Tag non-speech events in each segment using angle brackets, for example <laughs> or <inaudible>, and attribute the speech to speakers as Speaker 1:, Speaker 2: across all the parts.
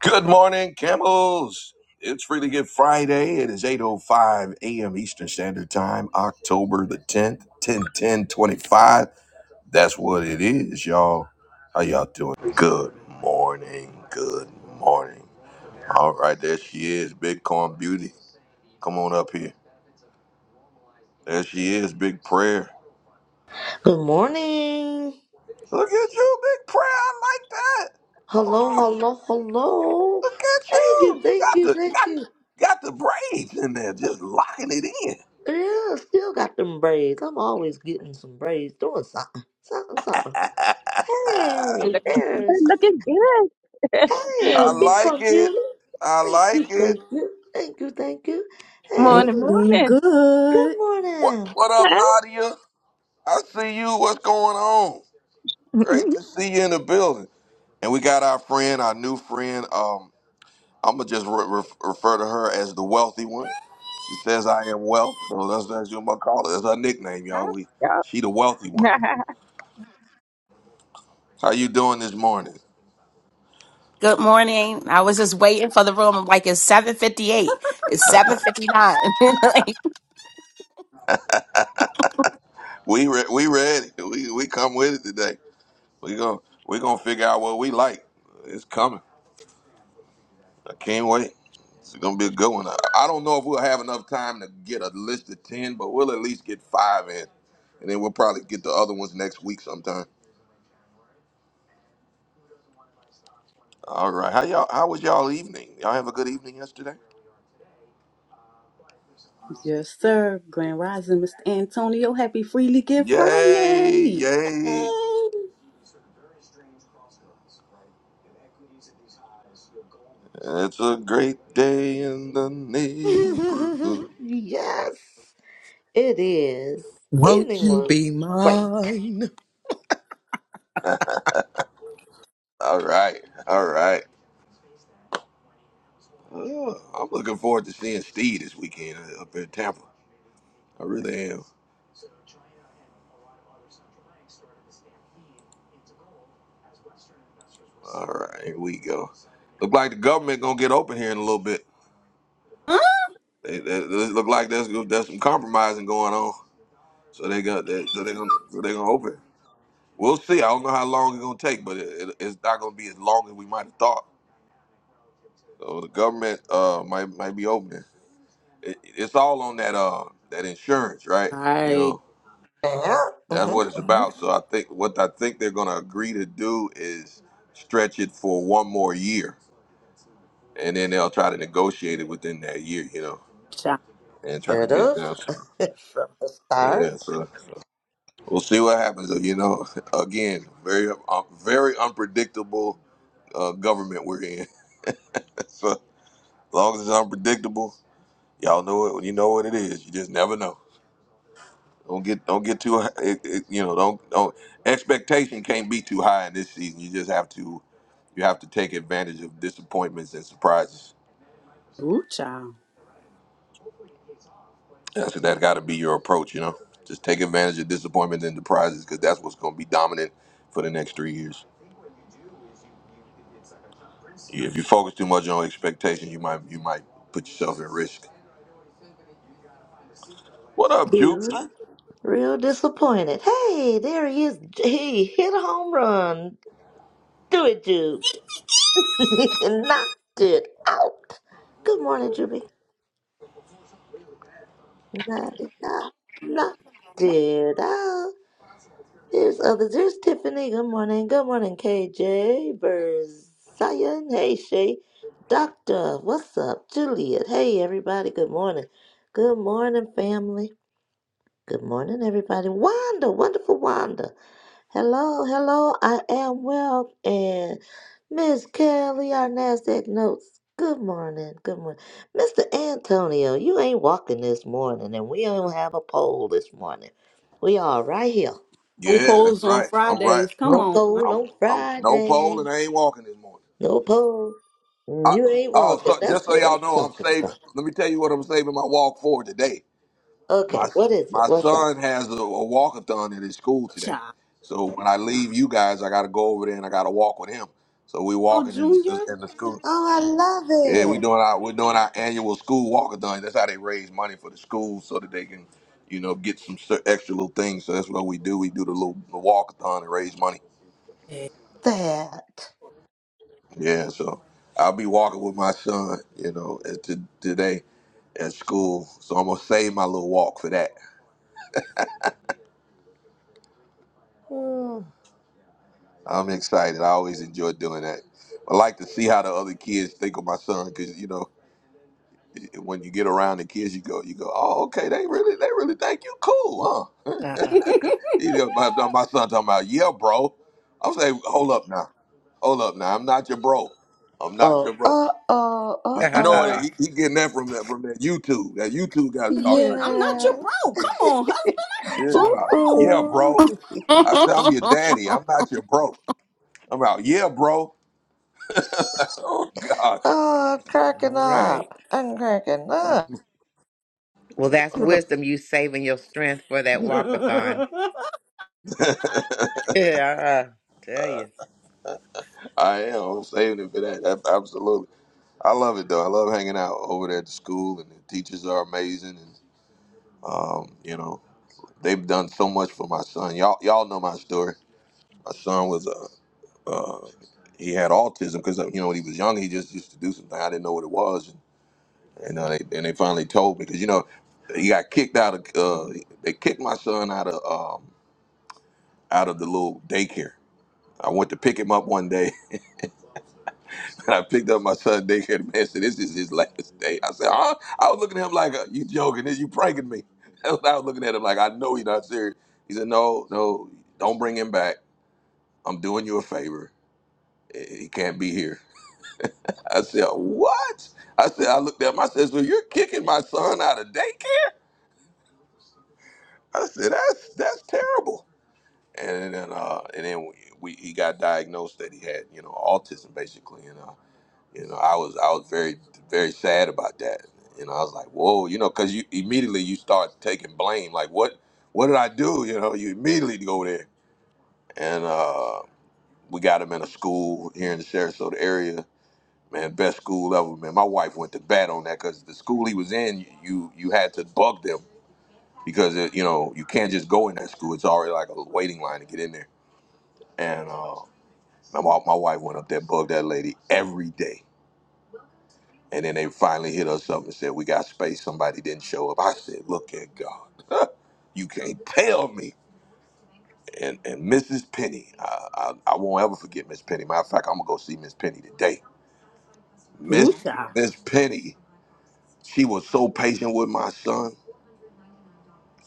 Speaker 1: Good morning, camels. It's Really Good Friday. It is 8.05 a.m. Eastern Standard Time, October the 10th, 10 25. That's what it is, y'all. How y'all doing? Good morning. Good morning. All right, there she is, Bitcoin Beauty. Come on up here. There she is, Big Prayer.
Speaker 2: Good morning.
Speaker 1: Look at you, Big Prayer. I like that. Hold
Speaker 2: Hello,
Speaker 1: on.
Speaker 2: hello, hello.
Speaker 1: Look at
Speaker 2: Thank you,
Speaker 1: you.
Speaker 2: thank
Speaker 1: Got
Speaker 2: you,
Speaker 1: the
Speaker 2: thank
Speaker 1: got
Speaker 2: you.
Speaker 1: got the braids in there, just locking it in.
Speaker 2: Yeah, still got them braids. I'm always getting some braids, doing something, something, something. Hey,
Speaker 3: Look,
Speaker 2: there's
Speaker 3: looking good.
Speaker 2: hey,
Speaker 1: I
Speaker 3: <laughs>
Speaker 2: big
Speaker 1: like it.
Speaker 2: computer.
Speaker 1: I
Speaker 2: Thank
Speaker 1: like
Speaker 2: you,
Speaker 1: it.
Speaker 2: thank you, thank you, thank you. Hey,
Speaker 3: morning,
Speaker 4: Looking
Speaker 3: morning.
Speaker 2: good
Speaker 4: good.
Speaker 1: What
Speaker 2: morning.
Speaker 1: what up, Nadia? I see you. What's going on? Great
Speaker 3: <laughs>
Speaker 1: to see you in the building. And we got our friend, our new friend. Um, I'm gonna just re- re- refer to her as the wealthy one. She says I am wealth, so that's that's what I'm gonna call her. That's her nickname, y'all.
Speaker 3: Huh?
Speaker 1: We
Speaker 3: Yeah.
Speaker 1: she the wealthy one.
Speaker 3: <laughs>
Speaker 1: How you doing this morning?
Speaker 5: Good morning. I was just waiting for the room. I'm like, it's 758. It's 759. <laughs>
Speaker 1: We re- we ready. We we come with it today. We gonna we gonna figure out what we like. It's coming. I can't wait. It's gonna be a good one. I I don't know if we'll have enough time to get a list of ten, but we'll at least get five in, and then we'll probably get the other ones next week sometime. All right. How y'all? How was y'all evening? Y'all have a good evening yesterday?
Speaker 4: Yes, sir. Grand Rising, Mr. Antonio. Happy Freely Give
Speaker 1: Yay!
Speaker 4: Friday. Yay.
Speaker 1: Yay! It's a great day in the neighborhood.
Speaker 2: <laughs> yes, it is.
Speaker 6: Won't
Speaker 2: Evening
Speaker 6: you
Speaker 2: was
Speaker 6: be
Speaker 2: great.
Speaker 6: mine?
Speaker 1: All right. All right. Oh, I'm looking forward to seeing Steve this weekend up in Tampa. I really am. So China and a lot of other central banks started to stampede into gold as Western investors were. All right, here we go. Look like the government gonna get open here in a little bit.
Speaker 4: All
Speaker 1: They, they, they look like there's there's some compromising going on, so they got they, so they gonna so they gonna open. We'll see. I don't know how long it's gonna take, but it, it, it's not gonna be as long as we might have thought. So the government uh might might be opening. It, it's all on that uh that insurance, right? You know.
Speaker 4: right,
Speaker 2: Yeah,
Speaker 1: That's what it's
Speaker 2: mm-hmm, mm-hmm.
Speaker 1: about. So I think what I think they're going to agree to do is stretch it for one more year, and then they'll try to negotiate it within that year, you know,
Speaker 4: child.
Speaker 1: and try to
Speaker 2: Good
Speaker 1: get it
Speaker 2: of
Speaker 1: down. sooner.
Speaker 2: <laughs> from the start.
Speaker 1: Yeah, so so we'll see what happens. You know, <laughs> again, very uh, very unpredictable uh, government we're in. <laughs> so as long as it's unpredictable, y'all know it. You know what it is. You just never know. Don't get don't get too hi- it, it, you know don't don't expectation can't be too high in this season. You just have to you have to take advantage of disappointments and surprises.
Speaker 4: Ooh, child.
Speaker 1: That's that got to be your approach. You know, just take advantage of disappointments and surprises because that's what's going to be dominant for the next three years. If you focus too much on expectations, you might you might put yourself at risk. What up,
Speaker 2: Be
Speaker 1: Jupiter?
Speaker 2: real disappointed. Hey, there he is. He hit a home run. Do it, Jude. <laughs> Knocked it out. Good morning, Juby. Knocked it out. Knocked it out. Here's others. Here's Tiffany. Good morning. Good morning, KJ. Verzion. Hey, Shay. Doctor. What's up? Juliet. Hey, everybody. Good morning. Good morning, family. Good morning, everybody. Wanda. Wonderful Wanda. Hello, hello, I am well. And Miss Kelly, our NASDAQ notes. Good morning, good morning. Mr. Antonio, you ain't walking this morning, and we don't have a poll this morning. We are right here.
Speaker 4: No
Speaker 1: Yeah, that's
Speaker 4: polls on
Speaker 1: right. I'm right.
Speaker 4: Fridays. Come
Speaker 2: No
Speaker 1: I'm
Speaker 4: on, man.
Speaker 2: poll
Speaker 1: I'm
Speaker 2: on
Speaker 1: I'm no pole
Speaker 2: Friday.
Speaker 1: and I ain't walking this morning.
Speaker 2: No poll.
Speaker 1: I,
Speaker 2: You ain't
Speaker 1: oh,
Speaker 2: walking.
Speaker 1: so just
Speaker 2: That's
Speaker 1: so
Speaker 2: what I'm
Speaker 1: y'all know, I'm
Speaker 2: talking
Speaker 1: saving.
Speaker 2: about.
Speaker 1: Let me tell you what I'm saving my walk for today.
Speaker 2: Okay,
Speaker 1: My
Speaker 2: what is it?
Speaker 1: my
Speaker 2: What's up?
Speaker 1: son has a, a walkathon at his school today,
Speaker 4: child.
Speaker 1: so when I leave you guys, I got to go over there and I got to walk with him. So we
Speaker 4: Oh,
Speaker 1: walking in
Speaker 4: Junior.
Speaker 1: the, in the school.
Speaker 2: Oh, I
Speaker 1: Yeah,
Speaker 2: love
Speaker 1: we
Speaker 2: it.
Speaker 1: doing our we're doing our annual school walkathon. That's how they raise money for the schools so that they can, you know, get some cer- extra little things. So that's what we do. We do the little the walkathon and raise money.
Speaker 4: Hey,
Speaker 2: That.
Speaker 1: Yeah, so I'll be walking with my son, you know, at t- today at school. So I'm gonna save my little walk for that. I'm excited. I always enjoy doing that. I like to see how the other kids think of my son, because you know, when you get around the kids, you go, you go, oh, okay, they really, they really think you cool,
Speaker 6: <laughs>
Speaker 1: huh? <laughs>
Speaker 6: All
Speaker 1: You know, my, my son talking about, yeah, bro. I'm saying, hold up now, hold up now. I'm not your bro. I'm not
Speaker 2: Oh,
Speaker 1: your bro.
Speaker 2: oh, oh, oh,
Speaker 1: You, you know,
Speaker 2: oh.
Speaker 1: he, he getting that from that from that YouTube. That YouTube got him talking
Speaker 4: Husband,
Speaker 1: like
Speaker 4: I'm
Speaker 1: that.
Speaker 4: not your
Speaker 2: Yeah.
Speaker 4: bro. Come on,
Speaker 1: Yeah, come
Speaker 2: Ooh,
Speaker 1: out. Yeah,
Speaker 4: husband.
Speaker 2: ooh.
Speaker 1: bro. I said, I'm your daddy. I'm not your bro. I'm out. Yeah, bro. <laughs> oh, God.
Speaker 2: Oh, I'm cracking
Speaker 6: right.
Speaker 2: up. I'm cracking up.
Speaker 6: Well, that's
Speaker 2: You the-
Speaker 6: wisdom. You saving your strength for that
Speaker 4: I'm
Speaker 6: walkathon.
Speaker 4: not your
Speaker 6: <laughs>
Speaker 4: bro.
Speaker 6: Yeah, I tell you.
Speaker 1: I am. I'm saving it for that. Ab- Absolutely. I love it, though. I love hanging out over there at the school, and the teachers are amazing. And, um, you know, they've done so much for my son. Y'all, y'all know my story. My son was a. Uh, uh, he had autism because you know when he was young he just used to do something I didn't know what it was You know, they, and they finally told me because you know he got kicked out of. Uh, they kicked my son out of um, out of the little daycare. I went to pick him up one day, <laughs> and I picked up my son daycare. The man said, "This is his last day." I said, "Huh?" I was looking at him like, uh, "You joking? You pranking me?" <laughs> That's what I was looking at him like, "I know you're not serious." He said, "No, no, don't bring him back. I'm doing you a favor. He can't be here." I said, "What?" I said, "I looked at him. I said, so you're kicking my son out of daycare?" I said, "That's that's terrible." and then uh and then we, we he got diagnosed that he had you know autism basically and uh you know I was I was very very sad about that you know I was like whoa you know because you immediately you start taking blame like what what did I do you know you immediately go there and uh we got him in a school here in the Sarasota area man best school ever man my wife went to bat on that because the school he was in you you had to bug them because it, you know you can't just go in that school it's already like a waiting line to get in there and uh My, my wife went up there, bugged that lady every day. And then they finally hit us up and said, We got space. Somebody didn't show up. I said, Look at God. <laughs> you can't tell me. And, and Mrs. Penny, I, I, I won't ever forget Miss Penny. Matter of fact, I'm going to go see Miss Penny today.
Speaker 4: <laughs>
Speaker 1: Miss,
Speaker 4: Ooh, child.
Speaker 1: Miss Penny, she was so patient with my son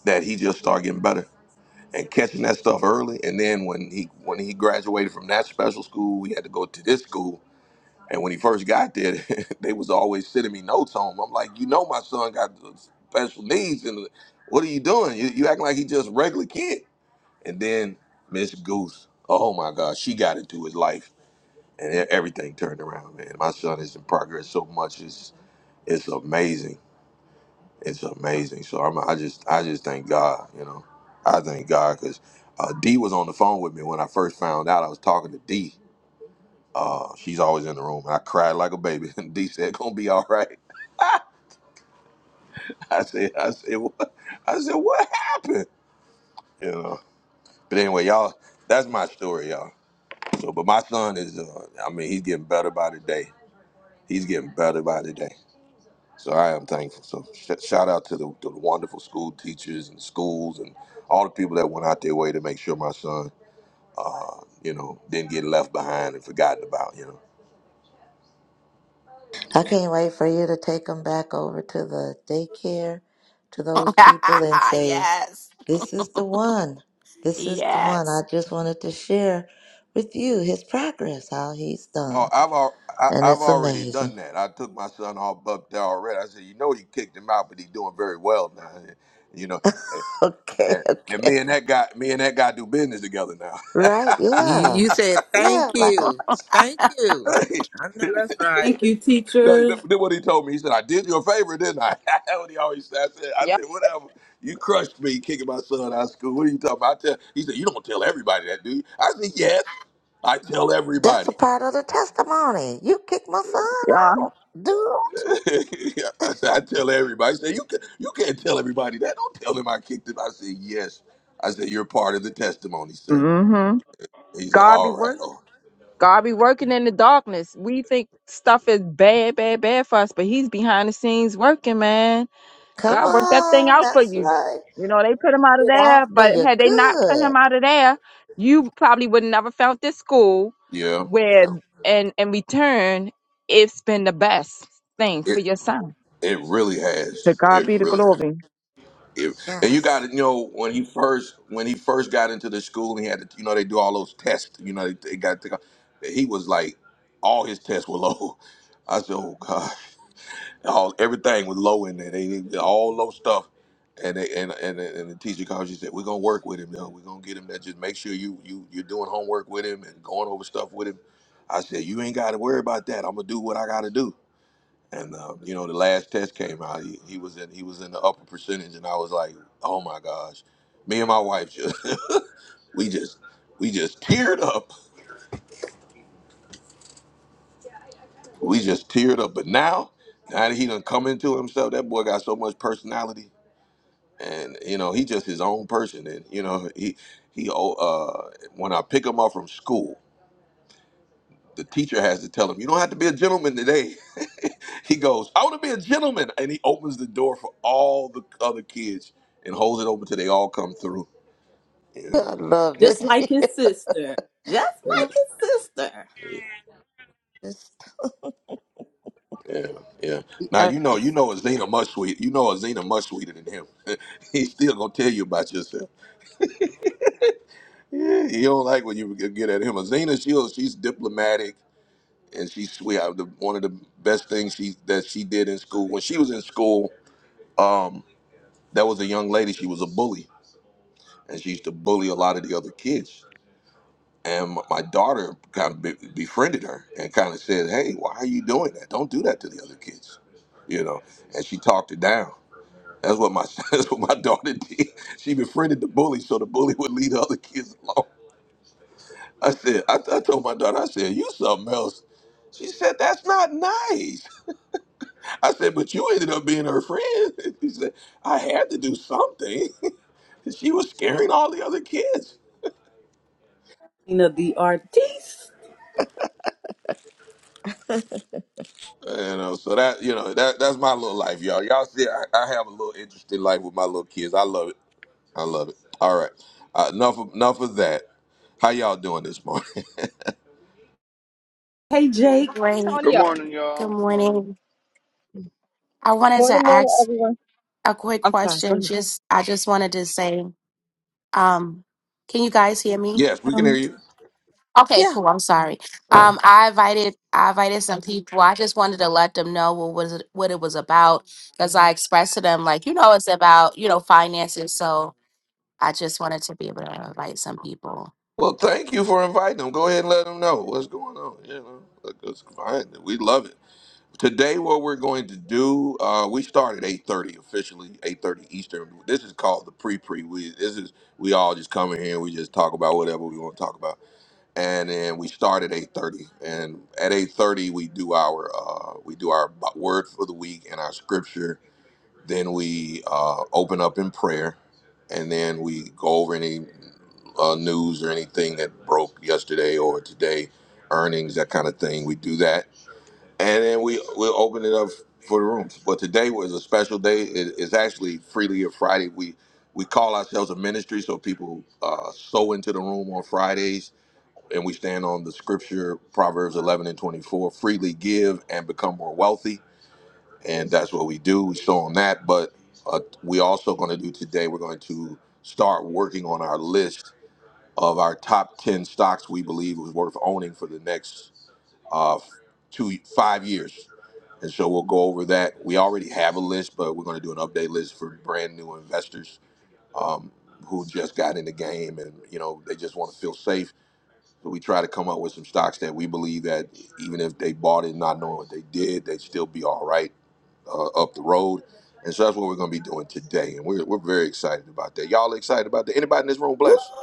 Speaker 1: that he just started getting better and catching that stuff early. And then when he when he graduated from that special school, we had to go to this school And when he first got there, <laughs> they was always sending me notes home. I'm like, you know, my son got special needs, and what are you doing? You, you acting like he just a regular kid. And then Miss Goose, oh my God, she got into his life, and e- everything turned around, man. My son is in progress so much; it's it's amazing. It's amazing. So I'm, I just I just thank God, you know, I thank God because uh, D was on the phone with me when I first found out. I was talking to D uh, she's always in the room, and I cried like a baby. <laughs> And D said, "Gonna be all right." <laughs> I said, "I said, what? I said, what happened?" You know. But anyway, y'all, that's my story, y'all. So, but my son is, uh, I mean, he's getting better by the day. He's getting better by the day. So I am thankful. So sh- shout out to the, to the wonderful school teachers and schools and all the people that went out their way to make sure my son, uh, you know, didn't get left behind and forgotten about. You know.
Speaker 2: I can't wait for you to take them back over to the daycare to those
Speaker 5: Like, <laughs>
Speaker 2: people and say,
Speaker 5: yes.
Speaker 2: This is the one. This is the one. I
Speaker 5: Yes.
Speaker 2: just wanted to share with you his progress, how he's
Speaker 1: Oh,
Speaker 2: done.
Speaker 1: I've al- I,
Speaker 2: And
Speaker 1: I've
Speaker 2: it's
Speaker 1: already
Speaker 2: amazing.
Speaker 1: done
Speaker 2: <laughs>
Speaker 1: that. I took my son off up there already. I said, you know, you kicked him out, but he's doing very well now. You know, and,
Speaker 2: Okay,
Speaker 1: and and me
Speaker 2: okay.
Speaker 1: and that guy, me and that guy do business together now.
Speaker 2: Right?
Speaker 6: You,
Speaker 2: Yeah.
Speaker 6: you said
Speaker 2: Yeah.
Speaker 6: thank
Speaker 2: Like, I
Speaker 6: you.
Speaker 2: just,
Speaker 6: Thank you.
Speaker 1: <laughs>
Speaker 6: I know that's right.
Speaker 4: Thank you,
Speaker 1: That- that-
Speaker 4: teachers.
Speaker 1: Then what he told me, he said, I did you a favor, didn't I? <laughs> That's what he always said. I said, I
Speaker 3: Yep.
Speaker 1: said, whatever. You crushed me kicking my son out of school. What are you talking about? I tell, he said, you don't tell everybody that, do you? I said, yes, I tell
Speaker 2: that's a
Speaker 1: everybody.
Speaker 2: part of the testimony. You kicked my son
Speaker 3: yeah.
Speaker 2: out, dude.
Speaker 1: I said, I tell everybody. I said, you can, you can't tell everybody that. Don't tell them I kicked him. I said, yes. I said, you're part of the testimony, sir.
Speaker 3: Mm-hmm.
Speaker 1: He said,
Speaker 3: God be
Speaker 1: all right.
Speaker 3: work.
Speaker 1: Oh,
Speaker 3: God be working in the darkness. We think stuff is bad, bad, bad for us, but He's behind the scenes working, man.
Speaker 2: Come
Speaker 3: God worked that thing
Speaker 2: on.
Speaker 3: out for
Speaker 2: That's
Speaker 3: you.
Speaker 2: right.
Speaker 3: You know they put him out of
Speaker 2: it out
Speaker 3: there,
Speaker 2: for
Speaker 3: but
Speaker 2: your
Speaker 3: had they not put
Speaker 2: good.
Speaker 3: him out of there, you probably would never felt this school
Speaker 1: yeah,
Speaker 3: where,
Speaker 1: yeah.
Speaker 3: and in return, it's been the best thing for
Speaker 1: It
Speaker 3: your son.
Speaker 1: it really
Speaker 3: To
Speaker 1: has.
Speaker 3: God
Speaker 1: It
Speaker 3: be the
Speaker 1: really has.
Speaker 3: glory.
Speaker 1: It, and you got
Speaker 2: Yes.
Speaker 1: to know when he first when he first got into the school and he had to, you know they do all those tests. You know they, they got to, he was like all his tests were low. I said, oh god. all everything was low in there. They they- all low stuff. And they, and, and and the teacher called. She said, "We're gonna work with him. Though. We're gonna get him that. Just make sure you you you're doing homework with him and going over stuff with him." I said, "You ain't got to worry about that. I'm gonna do what I gotta do." And uh, you know, the last test came out. He, he was in he was in the upper percentage, and I was like, "Oh my gosh!" Me and my wife just <laughs> we just we just teared up. We just teared up. But now, now that he done come into himself, that boy got so much personality and you know he just his own person and you know he he oh, uh when i pick him up from school the teacher has to tell him you don't have to be a gentleman today <laughs> he goes i want to be a gentleman and he opens the door for all the other kids and holds it open till they all come through
Speaker 2: <laughs>
Speaker 1: yeah
Speaker 2: I love
Speaker 4: Just
Speaker 2: it.
Speaker 4: like his
Speaker 2: <laughs>
Speaker 4: sister. Just
Speaker 1: yeah
Speaker 4: like his sister.
Speaker 2: Just
Speaker 1: yeah yeah
Speaker 2: the
Speaker 1: now you know you
Speaker 2: artist.
Speaker 1: know azina much sweet you know azina much sweeter than him <laughs> he's still gonna tell you about yourself yeah, you don't like when you get at him azina she'll she's diplomatic and she's sweetheart. The, one of the best things she that she did in school when she was in school, um, that was a young lady. She was a bully, and she used to bully a lot of the other kids. And my my daughter kind of be, befriended her and kind of said, "Hey, why are you doing that? Don't do that to the other kids," you know. And she talked her down. That's what my <laughs> that's what my daughter did. She befriended the bully, so the bully would lead the other kids along. I said, I, I told my daughter, I said, "You something else." She said, "That's not nice." I said, but you ended up being her friend. <laughs> He said, I had to do something. <laughs> she was scaring all the other kids.
Speaker 4: Nina the artiste.
Speaker 1: You know, so that you know that that's my little life, y'all. Y'all see, I, I have a little interesting life with my little kids. I love it. I love it. All right, uh, enough of, enough of that. How y'all doing this morning?
Speaker 4: Hey, Jake.
Speaker 5: Good Morning.
Speaker 7: Good
Speaker 3: Antonio.
Speaker 7: morning,
Speaker 5: Good
Speaker 7: y'all. Good morning.
Speaker 5: morning. I wanted
Speaker 3: Morning,
Speaker 5: to
Speaker 3: morning,
Speaker 5: ask
Speaker 3: everyone.
Speaker 5: a quick
Speaker 3: I'm sorry, go
Speaker 5: question.
Speaker 3: ahead.
Speaker 5: Just I just wanted to say, um, can you guys hear
Speaker 1: <laughs>
Speaker 5: me?
Speaker 1: yes, we can hear
Speaker 4: Um,
Speaker 1: you.
Speaker 5: Okay,
Speaker 2: Yeah.
Speaker 5: cool. I'm sorry. Um, I invited I invited some people. I just wanted to let them know what was it, what it was about because I expressed to them like, you know, it's about, you know, finances. So I just wanted to be able to invite some people.
Speaker 1: Well, thank you for inviting them. Go ahead and let them know what's going on. You know, look, it's fine. We love it. Today, what we're going to do, uh, we start at eight thirty officially, eight thirty Eastern. This is called the pre pre. We this is we all just come in here and we just talk about whatever we want to talk about, and then we start at eight thirty. And at eight thirty, we do our uh, we do our b- word for the week and our scripture. Then we uh, open up in prayer, and then we go over any uh, news or anything that broke yesterday or today, earnings that kind of thing. We do that and then we we'll open it up for the rooms. But today was a special day. It, it's actually Freely of Friday. We we call ourselves a ministry, so people uh, sow into the room on Fridays, and we stand on the scripture Proverbs eleven and twenty four: freely give and become more wealthy, and that's what we do. We sow on that, but uh, we also going to do today. We're going to start working on our list of our top ten stocks we believe was worth owning for the next uh, two five years, and so we'll go over that. We already have a list, but we're going to do an update list for brand new investors um, who just got in the game and you know they just want to feel safe. So we try to come up with some stocks that we believe that even if they bought it not knowing what they did, they'd still be all right uh, up the road. And so that's what we're going to be doing today, and we're, we're very excited about that. Y'all excited about that? Anybody in this room
Speaker 5: Woo!
Speaker 1: blessed?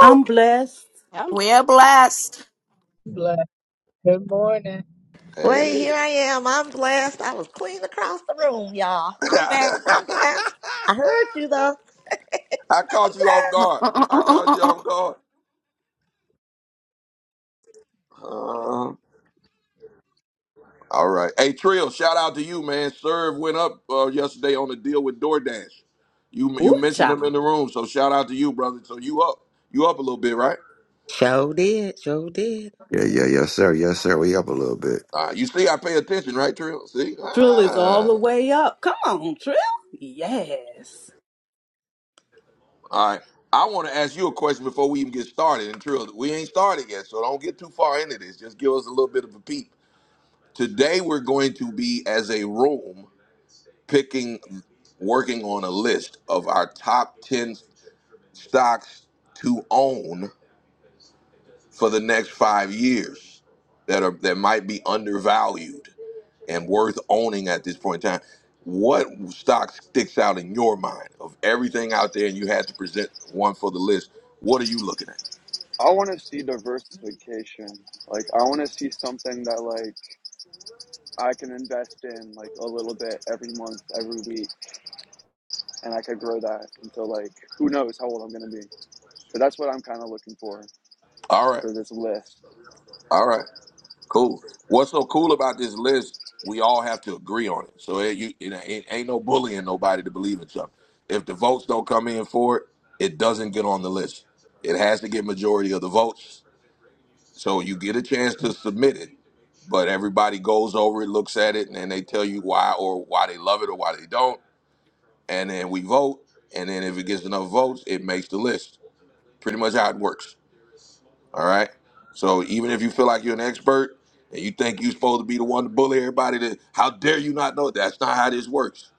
Speaker 4: I'm blessed.
Speaker 3: i
Speaker 5: We're blessed.
Speaker 8: Bless. Good morning.
Speaker 1: Hey.
Speaker 2: Well, here I am. I'm blessed. I was clean across the room, y'all.
Speaker 1: <laughs>
Speaker 2: I'm
Speaker 1: I
Speaker 2: back. I'm blessed. I heard you though. <laughs> I'm
Speaker 1: caught you
Speaker 2: blessed.
Speaker 1: off
Speaker 5: <laughs>
Speaker 1: guard. I caught you off guard. Uh, all right. Hey, Trill, shout out to you, man. Serve went up uh, yesterday on the deal with DoorDash. You you
Speaker 4: Ooh,
Speaker 1: mentioned them in the
Speaker 4: child.
Speaker 1: room, so shout out to you, brother. So you up. You up a little bit, right?
Speaker 6: Sure did. Sure did.
Speaker 9: Yeah, yeah, yes, sir. Yes, sir. We up a little bit.
Speaker 1: Uh, you see, I pay attention, right, Trill? See?
Speaker 4: Trill is all
Speaker 1: Ah.
Speaker 4: the way up. Come on, Trill. Yes.
Speaker 1: All right. I want to ask you a question before we even get started. And Trill, we ain't started yet, so don't get too far into this. Just give us a little bit of a peep. Today, we're going to be, as a room, picking, working on a list of our top 10 stocks to own for the next five years that are that might be undervalued and worth owning at this point in time. What stock sticks out in your mind of everything out there, and you had to present one for the list? What are you looking at?
Speaker 7: I want to see diversification. Like, I want to see something that like I can invest in like a little bit every month, every week, and I could grow that until like who knows how old I'm gonna be. But that's what I'm kind of looking for
Speaker 1: All right,
Speaker 7: for this list.
Speaker 1: all right, cool. What's so cool about this list? We all have to agree on it. So it, you, it, ain't ain't no bullying nobody to believe in something. If the votes don't come in for it, it doesn't get on the list. It has to get majority of the votes So you get a chance to submit it, but everybody goes over it, looks at it, and then they tell you why or why they love it or why they don't. And then we vote. And then if it gets enough votes, it makes the list. Pretty much how it works. All right. So even if you feel like you're an expert and you think you're supposed to be the one to bully everybody, to how dare you not know? it? That's not how this works.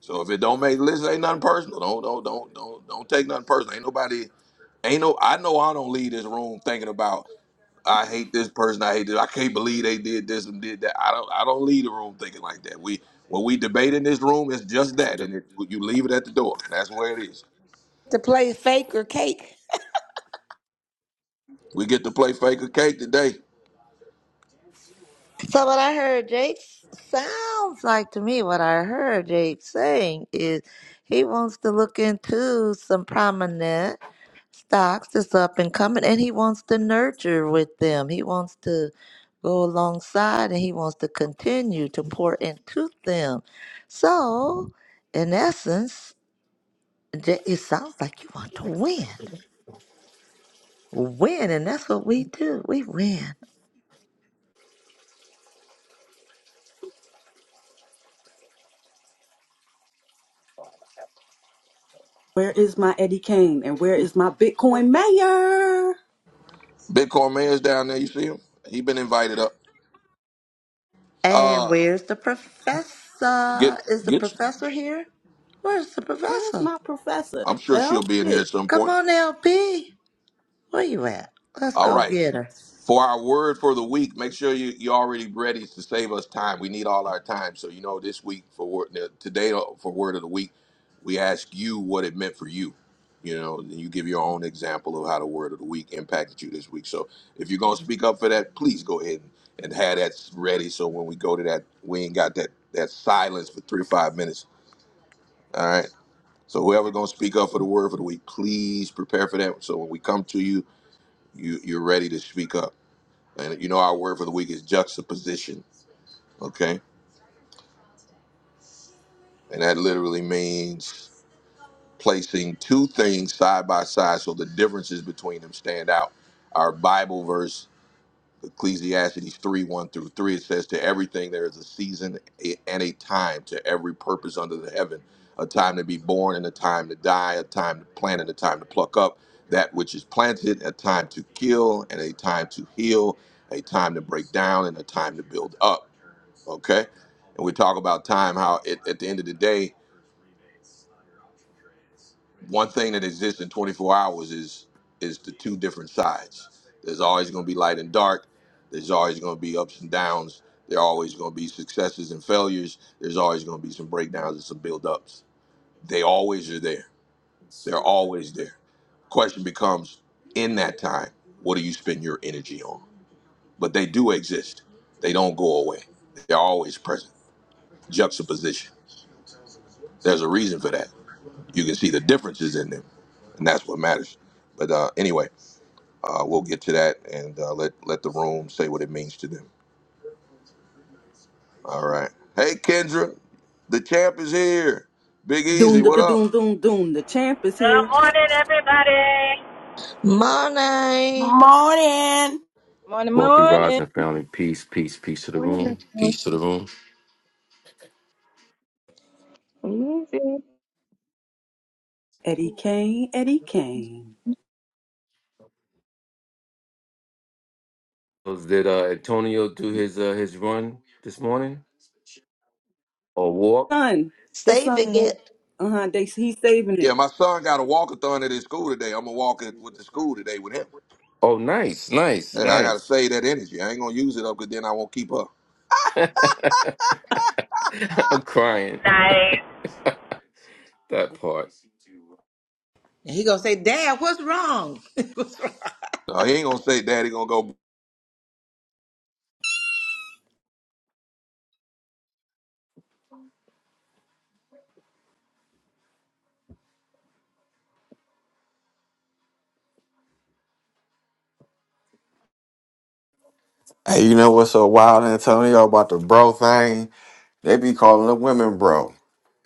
Speaker 1: So if it don't make the list, ain't nothing personal. Don't don't don't don't don't take nothing personal. Ain't nobody ain't no I know I don't leave this room thinking about I hate this person. I hate this. I can't believe they did this and did that. I don't. I don't leave the room thinking like that. We when we debate in this room, it's just that, and it, you leave it at the door. That's where it is.
Speaker 6: To play fake or cake.
Speaker 1: We get to play fake or cake today.
Speaker 2: So what I heard Jake sounds like to me what I heard Jake saying is he wants to look into some prominent stocks that's up and coming and he wants to nurture with them. He wants to go alongside and he wants to continue to pour into them. So in essence, Ja- it sounds like you want to win. Win and that's what we do. We win.
Speaker 4: Where is my Eddie Kane and where is my Bitcoin mayor?
Speaker 1: Bitcoin Man's down there. You see him? He been invited up.
Speaker 2: And
Speaker 1: Uh,
Speaker 2: where's the
Speaker 1: get
Speaker 2: professor? Is the
Speaker 1: get.
Speaker 2: professor here? Where's the
Speaker 4: Where's
Speaker 2: professor?
Speaker 4: my professor?
Speaker 1: I'm sure she'll be in here
Speaker 4: LP.
Speaker 1: at some
Speaker 2: Come
Speaker 1: point.
Speaker 2: on, LP. Where you at? Let's
Speaker 1: All
Speaker 2: go
Speaker 1: right.
Speaker 2: get her.
Speaker 1: For our word for the week, make sure you, you're already ready to save us time. We need all our time. So, you know, this week for word, today for word of the week, we ask you what it meant for you. You know, and you give your own example of how the word of the week impacted you this week. So, if you're going to speak up for that, please go ahead and, and have that ready. So, when we go to that, we ain't got that, that silence for three or five minutes. All right. So, whoever's going to speak up for the word for the week, please prepare for that. So, when we come to you, you you're ready to speak up. And you know, our word for the week is juxtaposition, okay? And that literally means placing two things side by side so the differences between them stand out. Our Bible verse, Ecclesiastes 3 1 through 3, it says, To everything there is a season and a time, to every purpose under the heaven, a time to be born and a time to die, a time to plant and a time to pluck up that which is planted, a time to kill and a time to heal, a time to break down and a time to build up okay? And we talk about time, how it, at the end of the day, one thing that exists in 24 hours is is the two different sides. There's always going to be light and dark. There's always going to be ups and downs. There are always going to be successes and failures. There's always going to be some breakdowns and some build-ups. They always are there. They're always there. Question becomes, in that time, what do you spend your energy on? But they do exist. They don't go away. They're always present. Juxtaposition. There's a reason for that you can see the differences in them, and that's what matters. But uh, anyway, uh, we'll get to that and uh, let let the room say what it means to them. All right. Hey, Kendra, the champ is here. Big Easy,
Speaker 4: Doom, da,
Speaker 1: what
Speaker 4: da,
Speaker 1: up?
Speaker 4: doom, doom, doom. The champ is
Speaker 10: Good
Speaker 4: here.
Speaker 10: morning, everybody.
Speaker 2: Money.
Speaker 5: Morning.
Speaker 3: morning,
Speaker 11: Wealthy Rise
Speaker 3: morning.
Speaker 11: and Family Peace, peace, peace to the
Speaker 12: Morning,
Speaker 11: room,
Speaker 12: everyone.
Speaker 11: peace to the room.
Speaker 3: Easy.
Speaker 4: Eddie Kane, Eddie Kane.
Speaker 11: Did uh, Antonio do his uh, his run this morning or walk?
Speaker 4: Son, his son,
Speaker 2: Saving
Speaker 4: they,
Speaker 2: it.
Speaker 4: uh-huh, they, he's saving
Speaker 1: Yeah,
Speaker 4: it.
Speaker 1: my son got a walkathon at his school today. I'm gonna walk it with the school today with him.
Speaker 11: Oh, nice, nice,
Speaker 1: Hey, I gotta
Speaker 11: nice.
Speaker 1: save that energy. I ain't gonna use it up, cause then I won't keep up.
Speaker 11: <laughs> I'm crying
Speaker 10: Nice.
Speaker 11: that part.
Speaker 6: And he gonna say, "Dad, what's wrong?" <laughs>
Speaker 1: No, he ain't gonna say, "Daddy, gonna go."
Speaker 9: Hey, you know what's so wild, Antonio, about the bro thing? They be calling the women bro.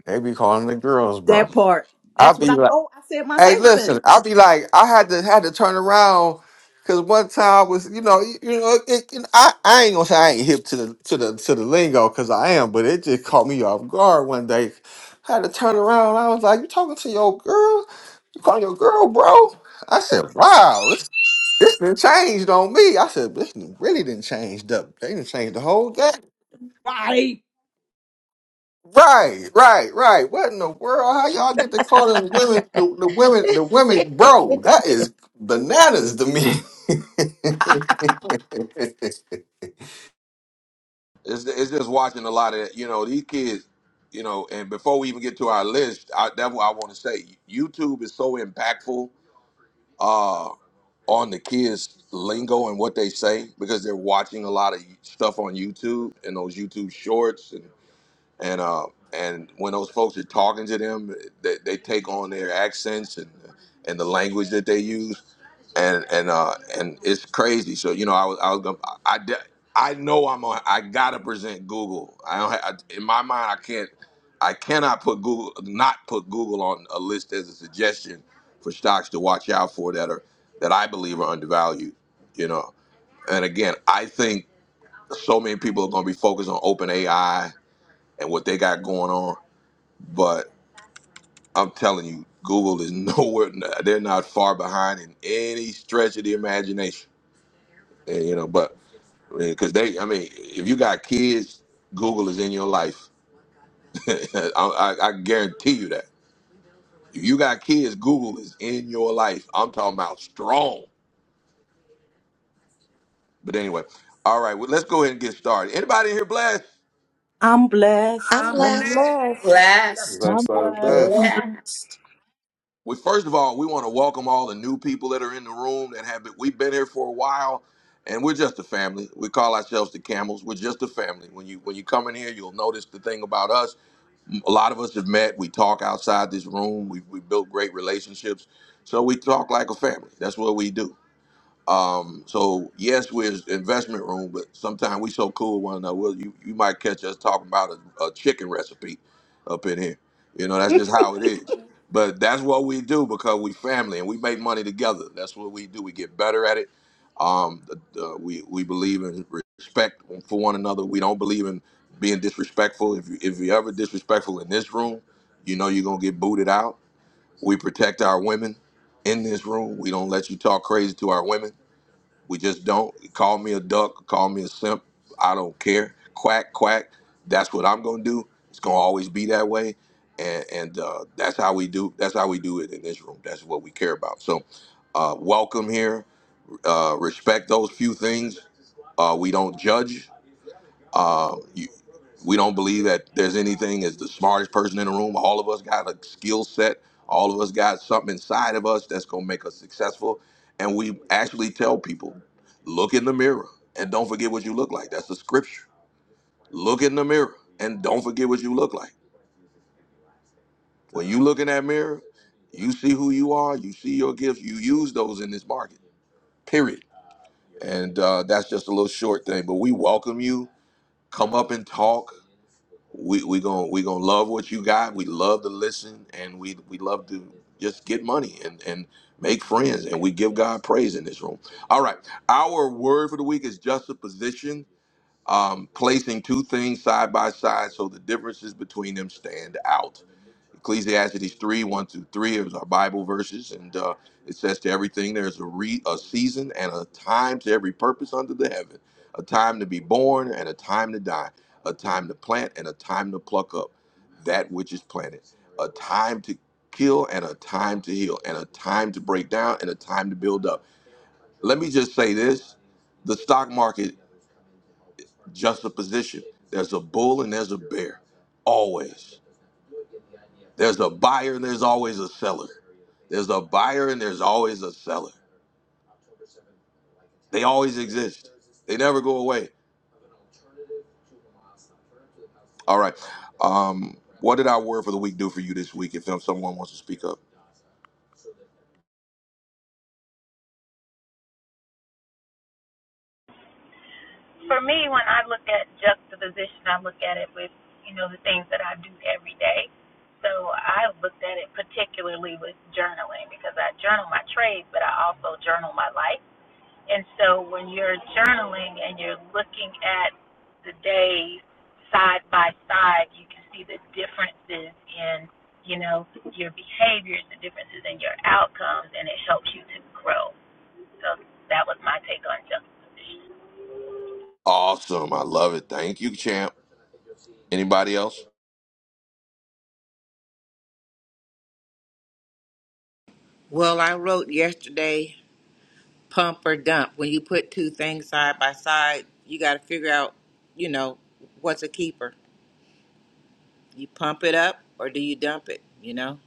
Speaker 9: They be calling the girls
Speaker 4: That
Speaker 9: bro.
Speaker 4: part.
Speaker 9: I
Speaker 4: That's
Speaker 9: be
Speaker 4: what I
Speaker 9: like,
Speaker 4: told. I said my
Speaker 9: hey, listen,
Speaker 4: husband.
Speaker 9: I be like, I had to had to turn around because one time I was, you know, you, you know, it, it- I, I ain't gonna say I ain't hip to the to the to the lingo because I am, but it just caught me off guard one day. I had to turn around. I was like, you talking to your girl? You calling your girl bro? I said, wow, This done changed on me. I said, this done really didn't changed up. They didn't change the whole game.
Speaker 4: Right.
Speaker 9: Right, right, right. What in the world? How y'all get to call the women the, the women the women bro? That is bananas to me. <laughs>
Speaker 1: It's it's just watching a lot of you know these kids you know, and before we even get to our list, I, that's what I want to say. YouTube is so impactful uh on the kids lingo and what they say because they're watching a lot of stuff on YouTube and those YouTube shorts and and uh, and when those folks are talking to them, they, they take on their accents and and the language that they use, and and uh, and it's crazy. So you know, I was I was gonna, I de- I know I'm on. I gotta present Google. I don't. ha I, in my mind, I can't. I cannot put Google not put Google on a list as a suggestion for stocks to watch out for that are that I believe are undervalued. You know, and again, I think so many people are going to be focused on open AI and what they got going on. But I'm telling you, Google is <laughs> nowhere. They're not far behind in any stretch of the imagination. And, you know, but because they, I mean, if you got kids, Google is in your life. <laughs> I, I, I guarantee you that. If you got kids, Google is in your life. I'm talking about strong. But anyway, all right, well, let's go ahead and get started. Anybody in here blessed?
Speaker 4: I'm blessed.
Speaker 2: I'm
Speaker 6: I'm
Speaker 13: I'm
Speaker 2: blessed.
Speaker 13: blessed.
Speaker 6: blessed.
Speaker 5: Blessed.
Speaker 8: I'm
Speaker 9: That's not the
Speaker 8: blessed.
Speaker 14: I'm
Speaker 9: best.
Speaker 5: Blessed.
Speaker 1: we first of all we want to welcome all the new people that are in the room that have been we've been here for a while and we're just a family we call ourselves the camels we're just a family when you when you come in here you'll notice the thing about us a lot of us have met we talk outside this room we we built great relationships so we talk like a family that's what we do um, so yes, we're an investment room, but sometimes we so cool with one another. We'll, you you might catch us talking about a, a chicken recipe up in here. You know, that's just how it is. But that's what we do because we family and we make money together. That's what we do. We get better at it. Um, the, the, we we believe in respect for one another. We don't believe in being disrespectful. If you if you're ever disrespectful in this room, you know you're gonna get booted out. We protect our women in this room. We don't let you talk crazy to our women we just don't call me a duck, call me a simp. I don't care. Quack quack. That's what I'm gonna do. It's gonna always be that way, and and uh, that's how we do. That's how we do it in this room. That's what we care about. So, uh, welcome here. Uh, respect those few things. Uh, we don't judge. Uh, you, we don't believe that there's anything as the smartest person in the room. All of us got a skill set. All of us got something inside of us that's gonna make us successful. And we actually tell people, look in the mirror and don't forget what you look like. That's the scripture. Look in the mirror and don't forget what you look like. When you look in that mirror, you see who you are. You see your gifts. You use those in this market. Period. And uh, that's just a little short thing. But we welcome you. Come up and talk we we gonna we gonna love what you got. We love to listen, and we we love to just get money and and make friends, and we give God praise in this room. All right, our word for the week is juxtaposition, um, placing two things side by side so the differences between them stand out. Ecclesiastes 3 1 through 3 is our Bible verses, and uh, it says to everything there's a, re- a season and a time to every purpose under the heaven, a time to be born and a time to die, a time to plant and a time to pluck up that which is planted, a time to kill and a time to heal, and a time to break down and a time to build up. Let me just say this the stock market, just a position. There's a bull and there's a bear, always. There's a buyer and there's always a seller. There's a buyer and there's always a seller. They always exist. They never go away. All right. Um, what did our word for the week do for you this week? If someone wants to speak up,
Speaker 10: For me, when I look at juxtaposition, I look at it with, you know, the things that I do every day. So I looked at it particularly with journaling because I journal my trades, but I also journal my life. And so when you're journaling and you're looking at the days side by side, you can see the differences in, you know, your behaviors, the differences in your outcomes, and it helps you to grow. So that was my take on juxtaposition.
Speaker 1: awesome. I love it. Thank you, champ. Anybody else?
Speaker 6: Well, I wrote yesterday. pump or dump. When you put two things side by side, you got to figure out, you know, what's a keeper. You pump it up or do you dump it? You know,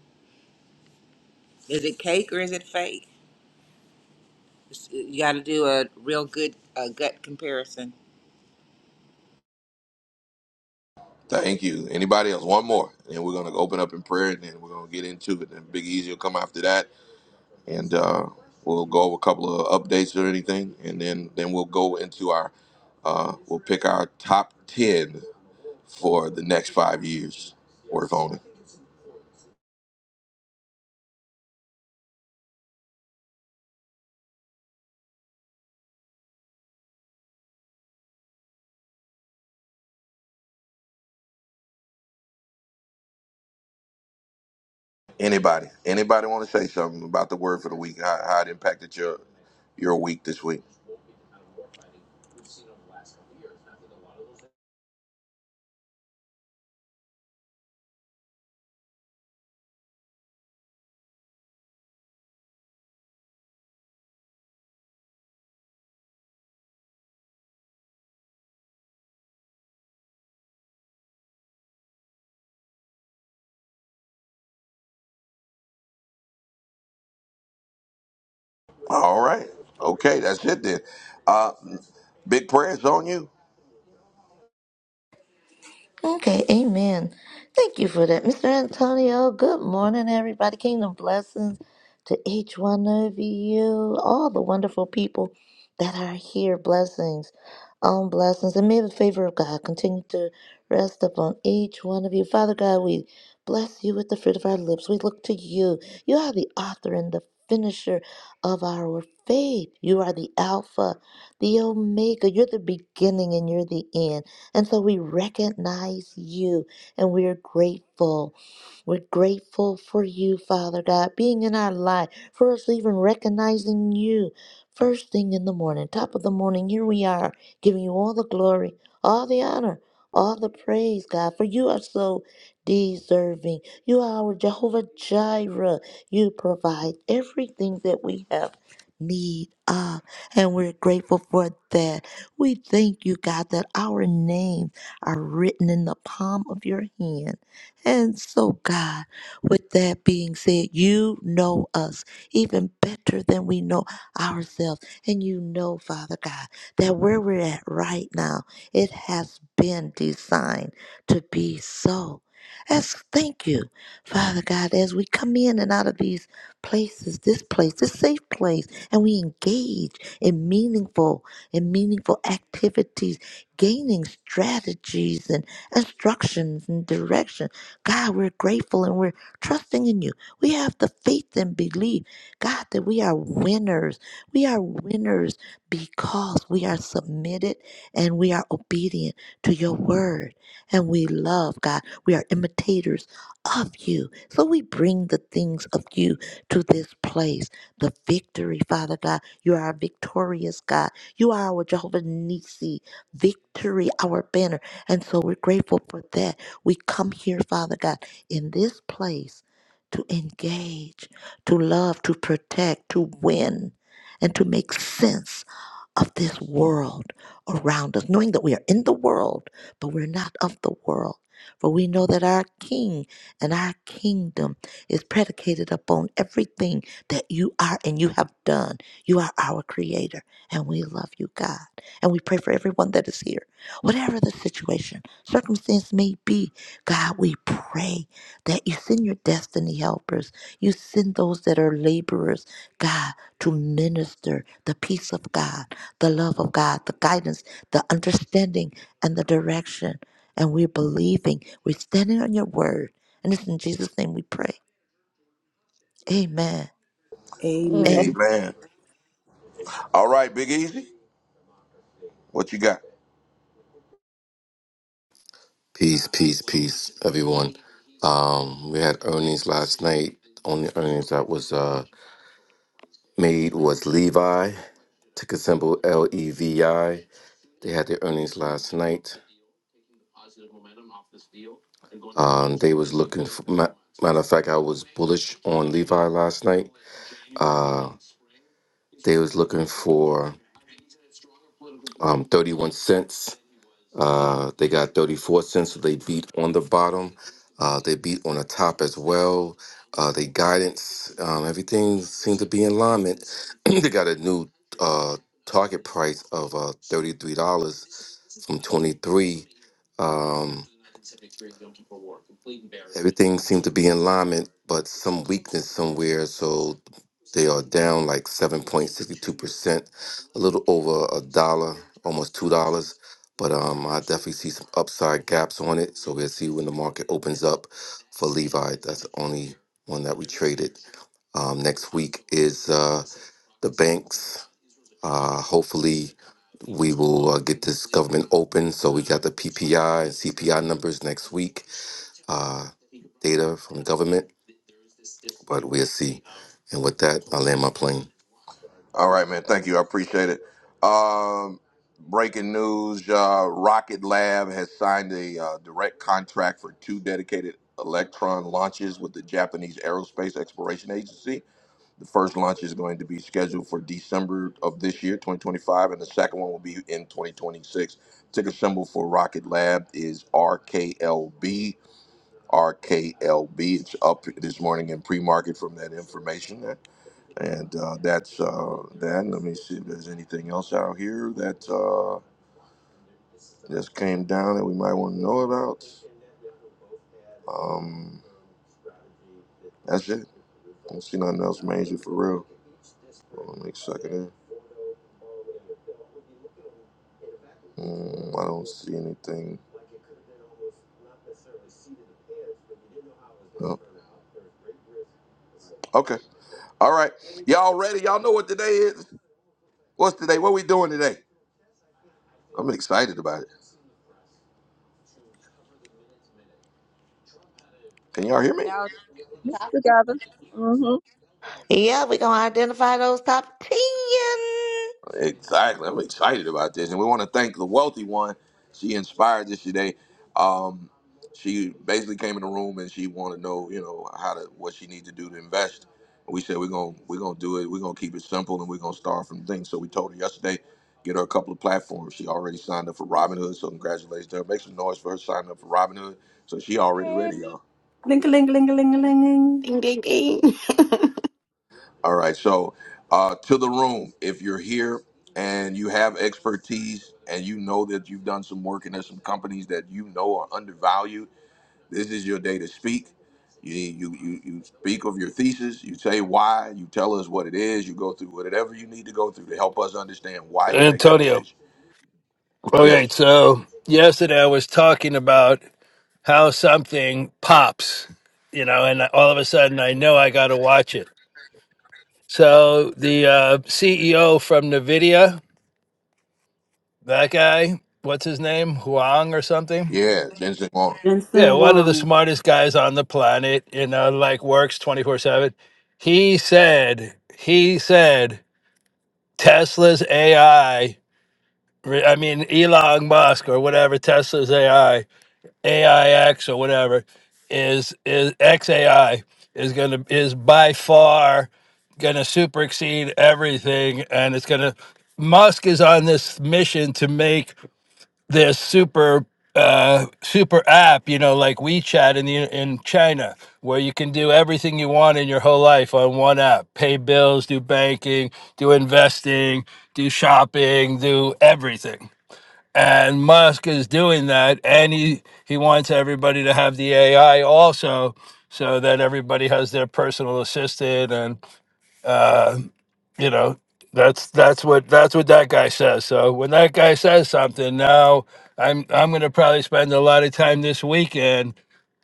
Speaker 6: is it cake or is it fake? It's- uh, You got to do a real good uh, gut comparison.
Speaker 1: Thank you. Anybody else? One more, and we're gonna open up in prayer, and then we're gonna get into it. And Big Easy will come after that, and uh, we'll go over a couple of updates or anything, and then then we'll go into our uh, we'll pick our top ten for the next five years worth owning. Anybody, anybody want to say something about the word for the week? How, how it impacted your your week this week? All right, okay, that's it then. Uh, big prayers on you.
Speaker 2: Okay, amen. Thank you for that, Mr. Antonio. Good morning, everybody. Kingdom blessings to each one of you, all the wonderful people that are here. Blessings on blessings, and may the favor of God continue to rest upon each one of you. Father God, we bless you with the fruit of our lips. We look to you. You are the author and the finisher of our faith. You are the Alpha, the Omega. You're the beginning and you're the end. And so we recognize you and we're grateful. We're grateful for you, Father God, being in our life, for us even recognizing you first thing in the morning, top of the morning. Here we are, giving you all the glory, all the honor, all the praise, God, for you are so deserving. You are our Jehovah Jireh. You provide everything that we have need of, and we're grateful for that. We thank you, God, that our names are written in the palm of your hand. And so, God, with that being said, you know us even better than we know ourselves. And you know, Father God, that where we're at right now, it has been designed to be so. As thank you, Father God, as we come in and out of these places, this place, this safe place, and we engage in meaningful and meaningful activities, gaining strategies and instructions and direction. God, we're grateful and we're trusting in you. We have the faith and belief, God, that we are winners. We are winners because we are submitted and we are obedient to your word. And we love God. We are imitators of you. So we bring the things of you to this place. The victory, Father God. You are a victorious God. You are our Jehovah Nisi, victory, our banner. And so we're grateful for that. We come here, Father God, in this place to engage, to love, to protect, to win, and to make sense of this world around us, knowing that we are in the world, but we're not of the world. For we know that our King and our kingdom is predicated upon everything that you are and you have done. You are our Creator, and we love you, God. And we pray for everyone that is here, whatever the situation, circumstance may be. God, we pray that you send your destiny helpers. You send those that are laborers, God, to minister the peace of God, the love of God, the guidance, the understanding, and the direction. And we're believing, we're standing on your word. And it's in Jesus' name we pray. Amen.
Speaker 3: Amen.
Speaker 4: Amen.
Speaker 2: Amen.
Speaker 1: Amen. All right, Big Easy, what you got?
Speaker 11: Peace, peace, peace, everyone. Um, we had earnings last night. Only earnings that was uh made was Levi, ticker symbol L E V I. They had their earnings last night. Um, they was looking. For, ma- matter of fact, I was bullish on Levi last night. Uh, they was looking for um, thirty-one cents. Uh, they got thirty-four cents. So they beat on the bottom. Uh, they beat on the top as well. Uh, they guidance. Um, everything seemed to be in alignment. <clears throat> they got a new uh, target price of uh, thirty-three dollars from twenty-three. Um, everything seemed to be in alignment, but some weakness somewhere. So They are down like 7.62%, a little over a dollar, almost $2. But um, I definitely see some upside gaps on it. So we'll see when the market opens up for Levi. That's the only one that we traded. Um, next week is uh, the banks. Uh, hopefully, we will uh, get this government open. So we got the PPI and CPI numbers next week, uh, data from government, but we'll see. And with that, I land my plane.
Speaker 1: All right, man. Thank you. I appreciate it. Um, breaking news: uh, Rocket Lab has signed a uh, direct contract for two dedicated Electron launches with the Japanese Aerospace Exploration Agency. The first launch is going to be scheduled for December of this year, 2025, and the second one will be in 2026. Ticker symbol for Rocket Lab is RKLB. RKLB. It's up this morning in pre-market from that information, and uh, that's uh, that. Let me see if there's anything else out here that uh, just came down that we might want to know about. Um, that's it. I don't see nothing else major for real. Hold on, let me check it in. Mm, I don't see anything. Nope. Okay. All right. Y'all ready? Y'all know what today is? What's today? What we doing today? I'm excited about it. Can y'all hear me?
Speaker 3: Now together. Mm-hmm.
Speaker 2: Yeah, we're going to identify those top 10.
Speaker 1: Exactly. I'm excited about this. And we want to thank the wealthy one. She inspired us today. Um, she basically came in the room and she wanted to know, you know, how to what she needs to do to invest. And we said we're gonna we're gonna do it, we're gonna keep it simple and we're gonna start from things. So we told her yesterday, get her a couple of platforms. She already signed up for Robinhood, so congratulations to her. Make some noise for her signing up for Robinhood. So she already
Speaker 3: Hey,
Speaker 1: ready, y'all.
Speaker 4: Ling, a ling, a ling, a ling, a ling.
Speaker 5: Ding, ding, ding. <laughs>
Speaker 1: All right. So, uh, to the room, if you're here and you have expertise and you know that you've done some work and there's some companies that you know are undervalued, this is your day to speak. You, you, you, you speak of your thesis, you say why, you tell us what it is, you go through whatever you need to go through to help us understand why you make that
Speaker 15: Antonio.
Speaker 1: decision.
Speaker 15: Okay,
Speaker 1: Yes.
Speaker 15: so yesterday I was talking about how something pops, you know, and all of a sudden I know I got to watch it. So the uh, CEO from NVIDIA, that guy, what's his name? Huang or something?
Speaker 1: Yeah. Jensen Wong.
Speaker 15: Yeah,
Speaker 4: Jensen
Speaker 15: one of the
Speaker 4: Wong.
Speaker 15: smartest guys on the planet, you know, like works 24 7. He said, he said, Tesla's AI, I re- I mean, Elon Musk or whatever, Tesla's AI AIX or whatever is is XAI is gonna is by far gonna super exceed everything and it's gonna Musk is on this mission to make this super uh super app you know like WeChat in the in China where you can do everything you want in your whole life on one app pay bills do banking do investing do shopping do everything and Musk is doing that, and he he wants everybody to have the AI also, so that everybody has their personal assistant, and uh, you know that's that's what that's what that guy says. So when that guy says something, now I'm I'm going to probably spend a lot of time this weekend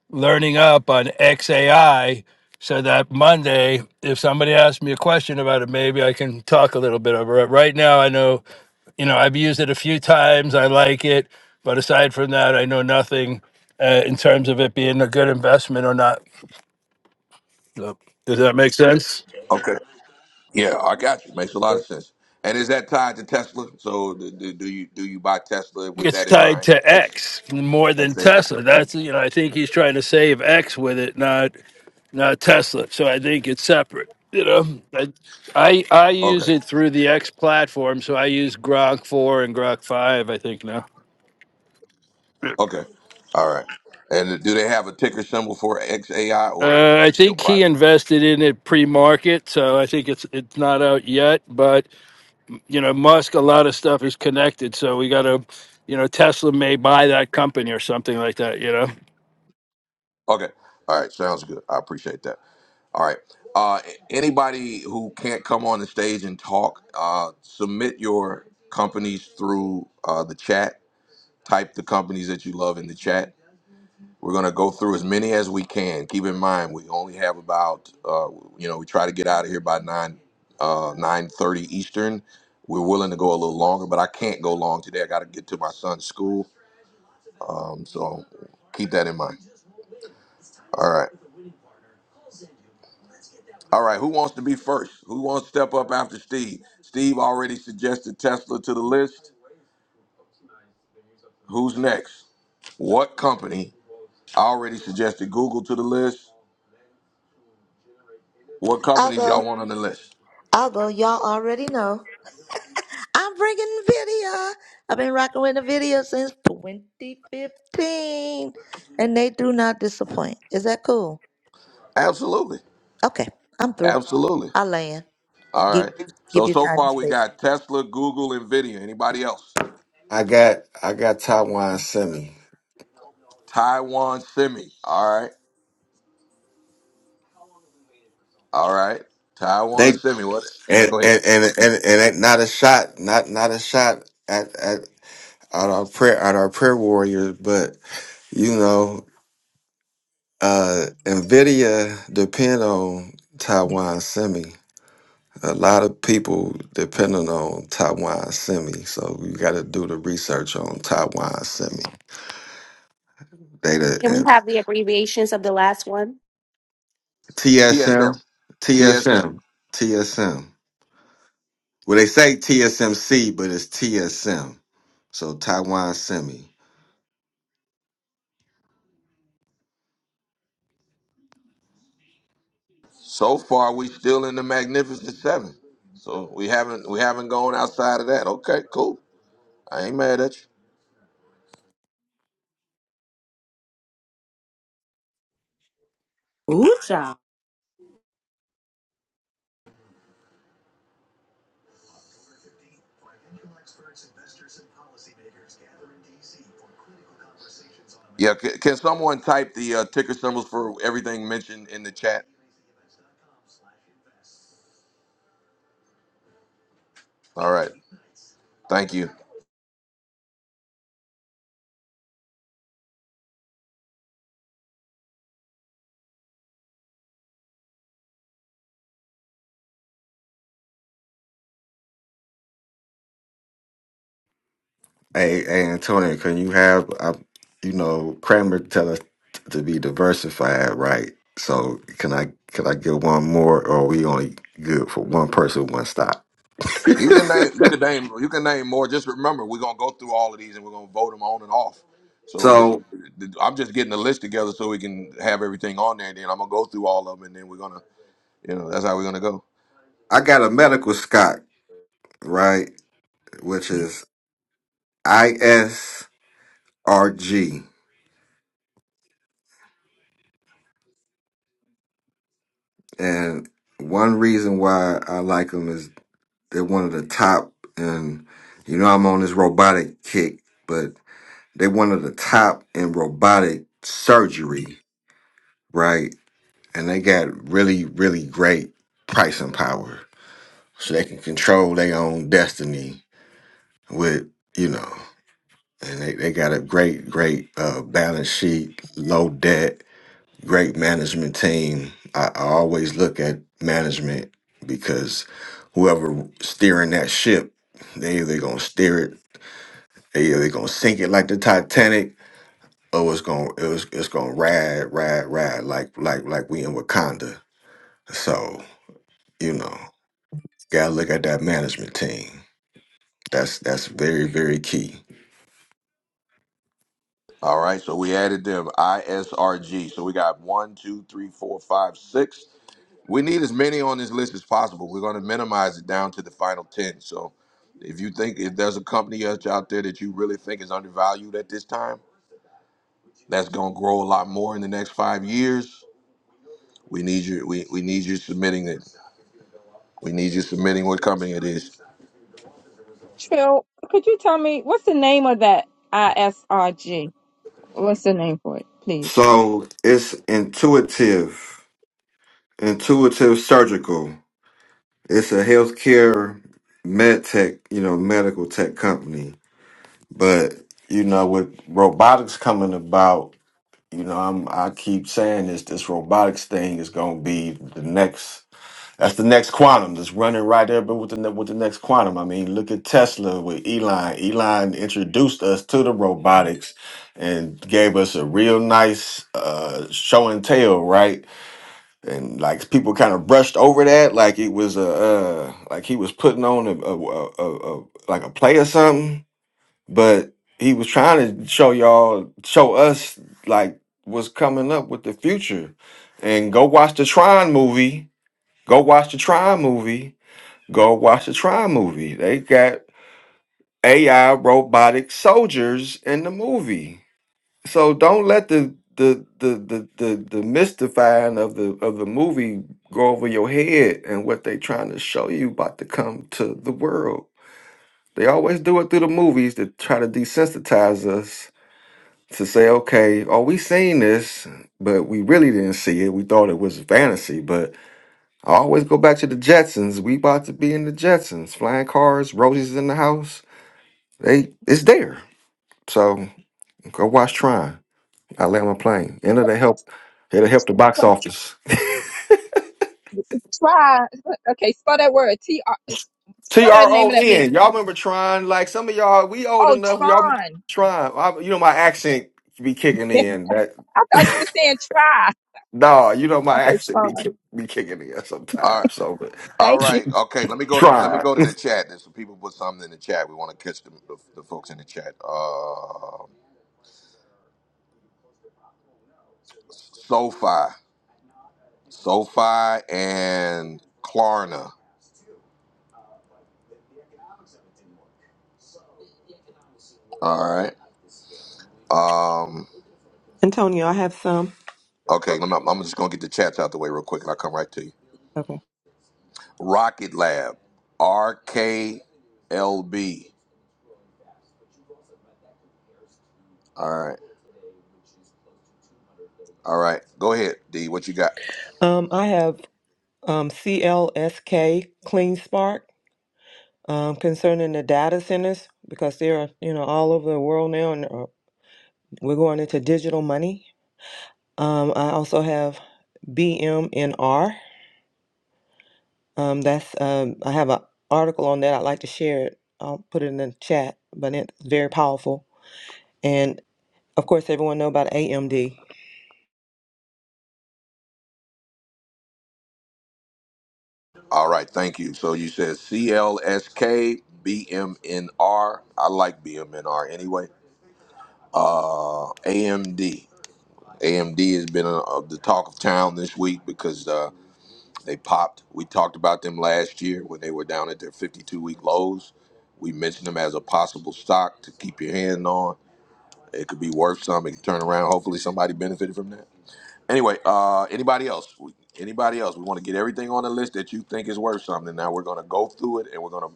Speaker 15: learning up on XAI. So that Monday, if somebody asks me a question about it, maybe I can talk a little bit over it. Right now, I know you know, I've used it a few times. I like it, but aside from that, I know nothing uh, in terms of it being a good investment or not. So, Does that make sense?
Speaker 1: Okay. Yeah, I got you. Makes a lot of sense. And is that tied to Tesla? So do, do do you do you buy Tesla with
Speaker 15: It's
Speaker 1: that in
Speaker 15: tied
Speaker 1: mind?
Speaker 15: to
Speaker 1: X,
Speaker 15: X more than
Speaker 1: XAI?
Speaker 15: Tesla. That's you know, I think he's trying to save X with it, not not Tesla. So I think it's separate. You know, I I, I use
Speaker 1: Okay.
Speaker 15: it through the X platform, so I use Grok four and Grok five. I think now.
Speaker 1: Okay. All right. And do they have a ticker symbol for XAI or
Speaker 15: Uh,
Speaker 1: is
Speaker 15: I
Speaker 1: it still
Speaker 15: think he
Speaker 1: private?
Speaker 15: invested in it pre-market, so I think it's it's not out yet. But you know, Musk, a lot of stuff is connected. So we got to, you know, Tesla may buy that company or something like that, you know?
Speaker 1: Okay. All right. Sounds good. I appreciate that. All right. Uh, anybody who can't come on the stage and talk, uh, submit your companies through uh, the chat. Type the companies that you love in the chat We're going to go through as many as we can. Keep in mind, we only have about, uh, you know, we try to get out of here by nine, uh, nine thirty Eastern. We're willing to go a little longer, but I can't go long today. I got to get to my son's school, um, so keep that in mind. All right, all right. Who wants to be first? Who wants to step up after Steve? Steve already suggested Tesla to the list. Who's next? What company? I already suggested Google to the list. What companies y'all
Speaker 2: Although,
Speaker 1: want on the list?
Speaker 2: although y'all already know. I'm bringing NVIDIA. I've been rocking with NVIDIA since 2015, and they do not disappoint. Is that cool?
Speaker 1: Absolutely,
Speaker 2: Okay, I'm through.
Speaker 1: absolutely.
Speaker 2: I land.
Speaker 1: All
Speaker 2: Give
Speaker 1: right.
Speaker 2: give
Speaker 1: So
Speaker 2: you
Speaker 1: so
Speaker 2: time and
Speaker 1: far we
Speaker 2: space.
Speaker 1: got Tesla, Google, Nvidia. Anybody else?
Speaker 9: <laughs> I got I got Taiwan semi.
Speaker 1: Taiwan Semi. All right. All right. Taiwan
Speaker 9: They
Speaker 1: Semi. What?
Speaker 9: and
Speaker 1: Go
Speaker 9: and
Speaker 1: ahead.
Speaker 9: and and, and ain't not a shot, not not a shot at, at at our prayer at our prayer warriors, but you know. Uh, Nvidia depend on Taiwan Semi. A lot of people depending on Taiwan Semi, so you got to do the research on Taiwan Semi. Data
Speaker 5: Can we
Speaker 9: and
Speaker 5: have the abbreviations of the last one?
Speaker 1: TSM.
Speaker 9: TSM,
Speaker 1: TSM.
Speaker 9: TSM, TSM. Well, they say TSMC, but it's TSM. So Taiwan Semi.
Speaker 1: So far we still in the Magnificent Seven. So we haven't we haven't gone outside of that. Okay, cool. I ain't mad at you.
Speaker 4: Ooh, child.
Speaker 1: Yeah. Can, can someone type the uh, ticker symbols for everything mentioned in the chat? All right. Thank you.
Speaker 9: Hey, hey, Antonio, can you have, uh, you know, Kramer tell us to be diversified, right? So can I can I get one more, or are we only good for one person, one stop?
Speaker 1: You can name,
Speaker 9: <laughs>
Speaker 1: you can name, you can name more. Just remember, we're gonna go through all of these and we're gonna vote them on and off. So the,
Speaker 9: so
Speaker 1: the, I'm just getting the list together so we can have everything on there. And Then I'm gonna go through all of them, and then we're gonna, you know, that's how we're gonna go.
Speaker 9: I got a medical stock, right, which is ISRG, and one reason why I like them is they're one of the top, and you know I'm on this robotic kick, but They one of the top in robotic surgery, right? And they got really, really great pricing power. So they can control their own destiny with, you know, and they, they got a great, great uh, balance sheet, low debt, great management team. I, I always look at management because whoever steering that ship, they either gonna steer it, they either gonna sink it like the Titanic oh, it's gonna it was, it's gonna ride, ride, ride like like like we in Wakanda. So you know, gotta look at that management team. That's that's very very key.
Speaker 1: All right. So we added them ISRG. So we got one, two, three, four, five, six. We need as many on this list as possible. We're gonna minimize it down to the final ten. So if you think if there's a company out out there that you really think is undervalued at this time, that's gonna grow a lot more in the next five years We need you. We, we need you submitting it. We need you submitting what company it is.
Speaker 3: Trill, could you tell me what's the name of that ISRG? What's the name for it, please?
Speaker 9: So it's intuitive, intuitive surgical. It's a healthcare med tech, you know, medical tech company. But you know, with robotics coming about, you know, I'm I keep saying this. This robotics thing is going to be the next. That's the next quantum that's running right there, but with the ne- with the next quantum. I mean, look at Tesla with Elon. Elon introduced us to the robotics and gave us a real nice uh, show and tell, right? And like people kind of brushed over that, like it was a uh, like he was putting on a, a, a, a a like a play or something. But he was trying to show y'all, show us like what's coming up with the future. And go watch the Tron movie Go watch the Tron movie. Go watch the Tron movie. They got AI robotic soldiers in the movie. So don't let the the the the the, the mystifying of the of the movie go over your head and what they trying to show you about to come to the world. They always do it through the movies to try to desensitize us to say, okay, oh, we seen this, but we really didn't see it. We thought it was fantasy, but I always go back to the Jetsons. We about to be in the Jetsons. Flying cars, Rosie's in the house. They it's there. So go watch Tron. I land my plane. And
Speaker 3: What's
Speaker 9: it'll help it'll
Speaker 3: it's,
Speaker 9: help the
Speaker 3: try,
Speaker 9: box office.
Speaker 3: try. Okay, spell that word. T R. it's-
Speaker 9: T
Speaker 3: Spell that
Speaker 9: R
Speaker 3: name
Speaker 9: O
Speaker 3: of that
Speaker 9: N.
Speaker 3: movie.
Speaker 9: Y'all remember Tron? Like some of y'all, we old
Speaker 3: Oh,
Speaker 9: enough. Y'all
Speaker 3: Tron.
Speaker 9: Tron. I, you know my accent be kicking
Speaker 3: <laughs> I
Speaker 9: in. That
Speaker 3: thought you were
Speaker 9: <laughs>
Speaker 3: saying try.
Speaker 9: no, you know my
Speaker 3: Okay,
Speaker 9: accent be
Speaker 3: Tron.
Speaker 9: kick, be kicking in
Speaker 1: All right.
Speaker 9: sometimes. So but
Speaker 1: All
Speaker 3: Thank you.
Speaker 1: right. Okay. Let me go to let me
Speaker 9: Tron.
Speaker 1: go to the chat. There's some people put something in the chat. We want to catch the, the, the folks in the chat. Uh, SoFi, SoFi, and Klarna. All right. Um.
Speaker 13: Antonio, I have some.
Speaker 1: Okay. Let me, I'm just gonna get the chats out the way real quick, and I'll come right to you.
Speaker 13: Okay.
Speaker 1: Rocket Lab, RKLB. All right. All right. Go ahead, D. What you got?
Speaker 13: Um, I have um, CLSK Clean Spark um, concerning the data centers because they're you know all over the world now, and uh, we're going into digital money. Um, I also have BMNR. Um, that's um, I have an article on that. I'd like to share it. I'll put it in the chat, but it's very powerful. And of course, everyone know about AMD.
Speaker 1: All right, thank you. So you said C L S K B M N R. I like BMNR anyway. Uh, AMD. has been uh the talk of town this week because uh, they popped. We talked about them last year when they were down at their 52 week lows. We mentioned them as a possible stock to keep your hand on. It could be worth some. It could turn around. Hopefully, somebody benefited from that. Anyway, uh, anybody else? We- Anybody else? We want to get everything on the list that you think is worth something. Now we're gonna go through it and we're gonna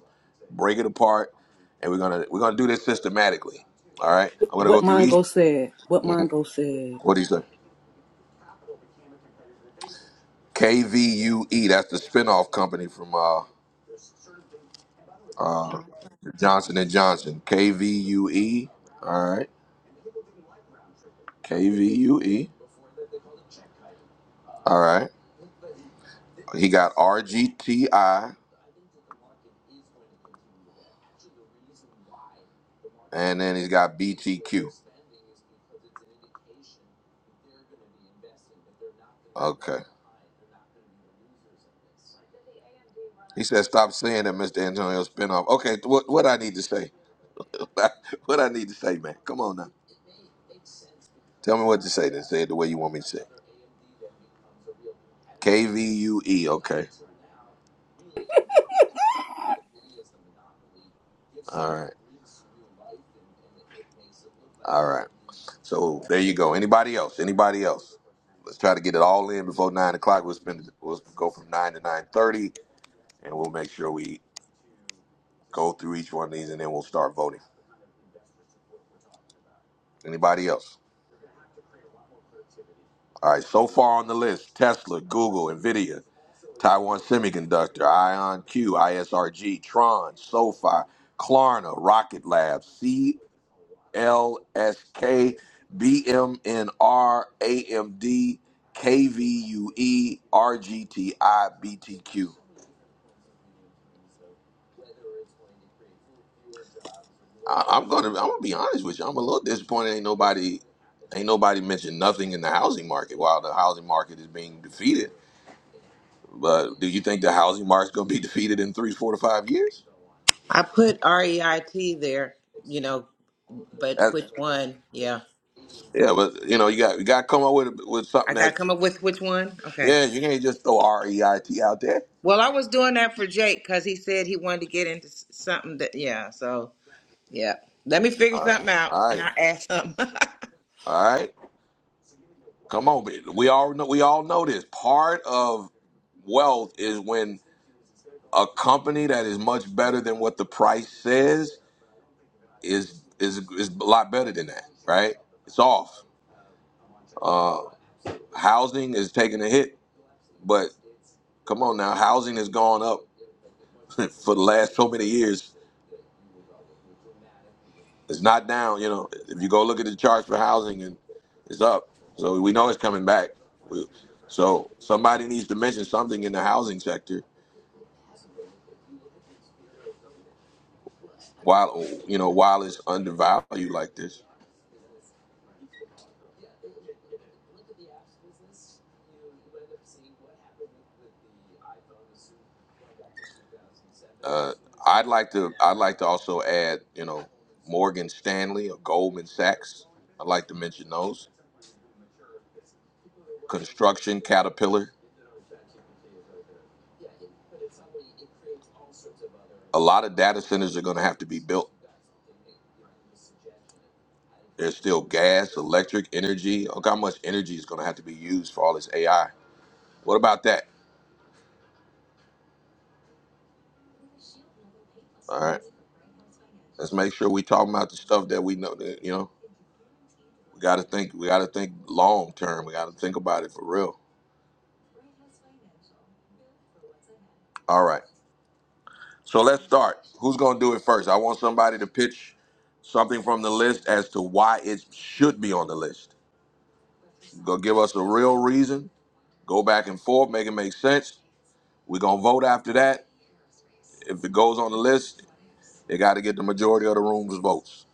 Speaker 1: break it apart, and we're gonna we're gonna do this systematically. All right, I'm gonna
Speaker 4: What
Speaker 1: go through each.
Speaker 4: Mongo said. What Mongo said.
Speaker 1: What do you say? KVUE. That's the spinoff company from uh, uh, Johnson and Johnson. KVUE. All right. KVUE. All right. He got RGTI, and then he's got BTQ. Okay. He said, "Stop saying that, Mr. Antonio Spinoff." Okay, what what I need to say? <laughs> what I need to say, man? Come on now, tell me what to say. Then say it the way you want me to say. it. K V U E. Okay, all right, all right. So there you go. Anybody else? Anybody else? Let's try to get it all in before nine o'clock. We'll spend. We'll go from nine to nine thirty, and we'll make sure we go through each one of these, and then we'll start voting. Anybody else? All right. So far on the list: Tesla, Google, Nvidia, Taiwan Semiconductor, IonQ, ISRG, Tron, SoFi, Klarna, Rocket Lab, CLSK, BMNR, AMD, KVUE, RGTI, BTQ. I'm gonna I'm gonna be honest with you. I'm a little disappointed. Ain't nobody ain't nobody mentioned nothing in the housing market while the housing market is being defeated. But do you think the housing market's gonna be <laughs> defeated in three, four to five years?
Speaker 6: I put R E I T there, you know, but which one? Yeah,
Speaker 1: Yeah, but you know, you got you got to come up with with something
Speaker 6: I got to
Speaker 1: that
Speaker 6: come up with which one. Okay.
Speaker 1: yeah, you can't just throw R E I T out there.
Speaker 6: Well, I was doing that for Jake because he said he wanted to get into s- something that, yeah. So, yeah, let me figure
Speaker 1: All right,
Speaker 6: something out,
Speaker 1: all
Speaker 6: and
Speaker 1: right,
Speaker 6: I add something. <laughs>
Speaker 1: all right. Come on, man. we all know we all know this. Part of wealth is when a company that is much better than what the price says is is is a lot better than that, right? It's off. Uh, housing is taking a hit, but come on now, housing has gone up <laughs> for the last so many years It's not down. You know, if you go look at the charts for housing, and it's up. So we know it's coming back. We- So somebody needs to mention something in the housing sector while you know while it's undervalued like this. Uh, I'd like to. I'd like to also add. You know, Morgan Stanley or Goldman Sachs. I'd like to mention those. Construction Caterpillar. a lot of data centers are going to have to be built. There's still gas, electric, energy. Look how much energy is going to have to be used for all this AI. What about that? All right, let's make sure we talking about the stuff that we know. That, you know, we got to think. We got to think long term. We got to think about it for real. All right, so let's start. Who's going to do it first? I want somebody to pitch something from the list as to why it should be on the list. Go give us a real reason. Go back and forth. Make it make sense. We're gonna vote after that. If it goes on the list, They got to get the majority of the room's votes.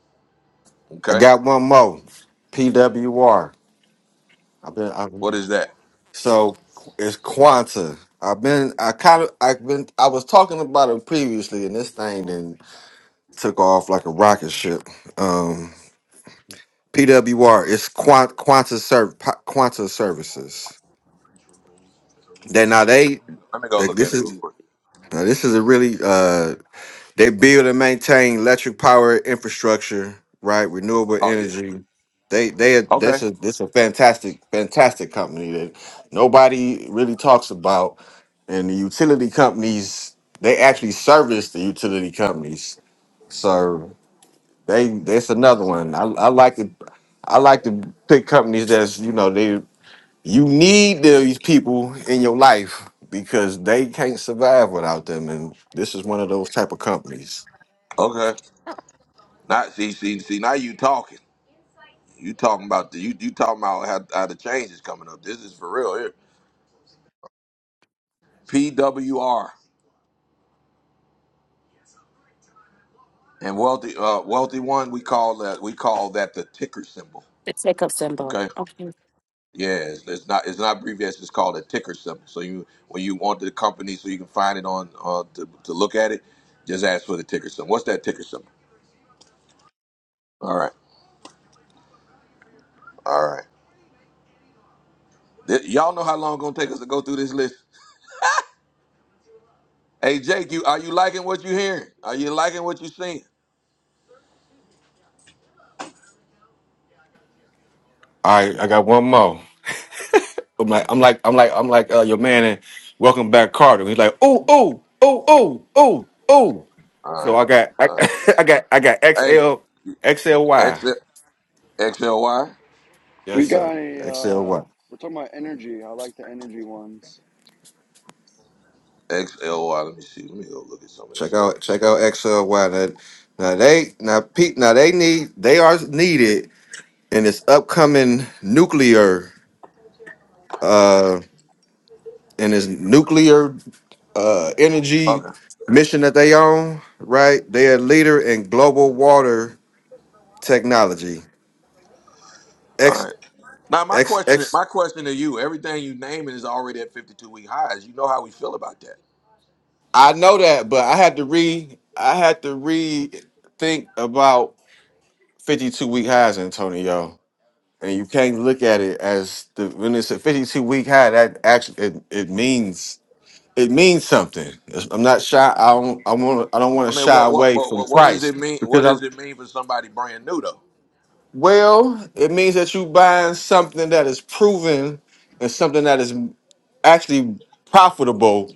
Speaker 9: I
Speaker 1: Okay,
Speaker 9: got one more. P W have been. I,
Speaker 1: what is that?
Speaker 9: So it's Quanta. I've been, I kind of, I've been, I was talking about it previously, and this thing then took off like a rocket ship. Um, PWR, it's Quant Quanta Serv Quanta Services. They now they,
Speaker 1: Let me go
Speaker 9: they
Speaker 1: look at
Speaker 9: this
Speaker 1: it
Speaker 9: is
Speaker 1: real quick.
Speaker 9: now this is a really uh they build and maintain electric power infrastructure, right? Renewable
Speaker 1: Oh yeah.
Speaker 9: energy. They they this
Speaker 1: Okay.
Speaker 9: is this a fantastic fantastic company that nobody really talks about and the utility companies they actually service the utility companies so they that's another one i, I like to i like to pick companies that's you know they you need these people in your life because they can't survive without them and this is one of those type of companies
Speaker 1: Okay. Not see see see. Now you talking. You talking about the you you talking about how, how the change is coming up. This is for real here. PWR and wealthy uh wealthy one. We call that we call that the ticker symbol.
Speaker 5: The tick up symbol.
Speaker 1: Okay.
Speaker 5: Okay.
Speaker 1: Yeah, it's, it's not it's not abbreviated. It's just called a ticker symbol. So you when you want the company, so you can find it on uh to, to look at it, just ask for the ticker symbol. What's that ticker symbol? All right. All right. Th- y'all know how long it's gonna take us to go through this list. Hey Jake, you are you liking what you hearing? Are you liking what you seeing?
Speaker 9: all right i got one more i'm like i'm like i'm like i'm like uh, your man and welcome back carter he's like oh oh oh oh oh oh
Speaker 1: All
Speaker 9: so
Speaker 1: right.
Speaker 9: i got i,
Speaker 1: All
Speaker 9: <laughs> I got i got X
Speaker 1: right.
Speaker 9: L X L Y.
Speaker 1: Hey, X X L Y
Speaker 7: Do we
Speaker 9: Yes,
Speaker 7: got
Speaker 9: sir.
Speaker 7: any? Uh,
Speaker 9: XLY.
Speaker 7: we're talking about energy. I like the energy ones.
Speaker 1: X L Y. Let me see. Let me go look at some of this
Speaker 9: Check
Speaker 1: stuff.
Speaker 9: out check out XLY. Now, now they now Pete now they need they are needed in this upcoming nuclear uh in this nuclear uh energy
Speaker 1: Okay.
Speaker 9: mission that they own, right? They are leader in global water technology.
Speaker 1: All
Speaker 9: X
Speaker 1: right. Now my
Speaker 9: X
Speaker 1: question
Speaker 9: X
Speaker 1: my question to you, everything you naming is already at fifty two week highs. You know how we feel about that.
Speaker 9: I know that, but I had to re I had to rethink about 52 week highs, Antonio. and you can't look at it as the when it's a 52 week high that actually it, it means it means something It's- i'm not shy i don't i want i don't want to
Speaker 1: I mean
Speaker 9: shy
Speaker 1: what what
Speaker 9: away
Speaker 1: but
Speaker 9: from
Speaker 1: what, what does
Speaker 9: price
Speaker 1: it mean what
Speaker 9: because
Speaker 1: does
Speaker 9: i'm
Speaker 1: it mean for somebody brand new though?
Speaker 9: well it means that you buying something that is proven and something that is actually profitable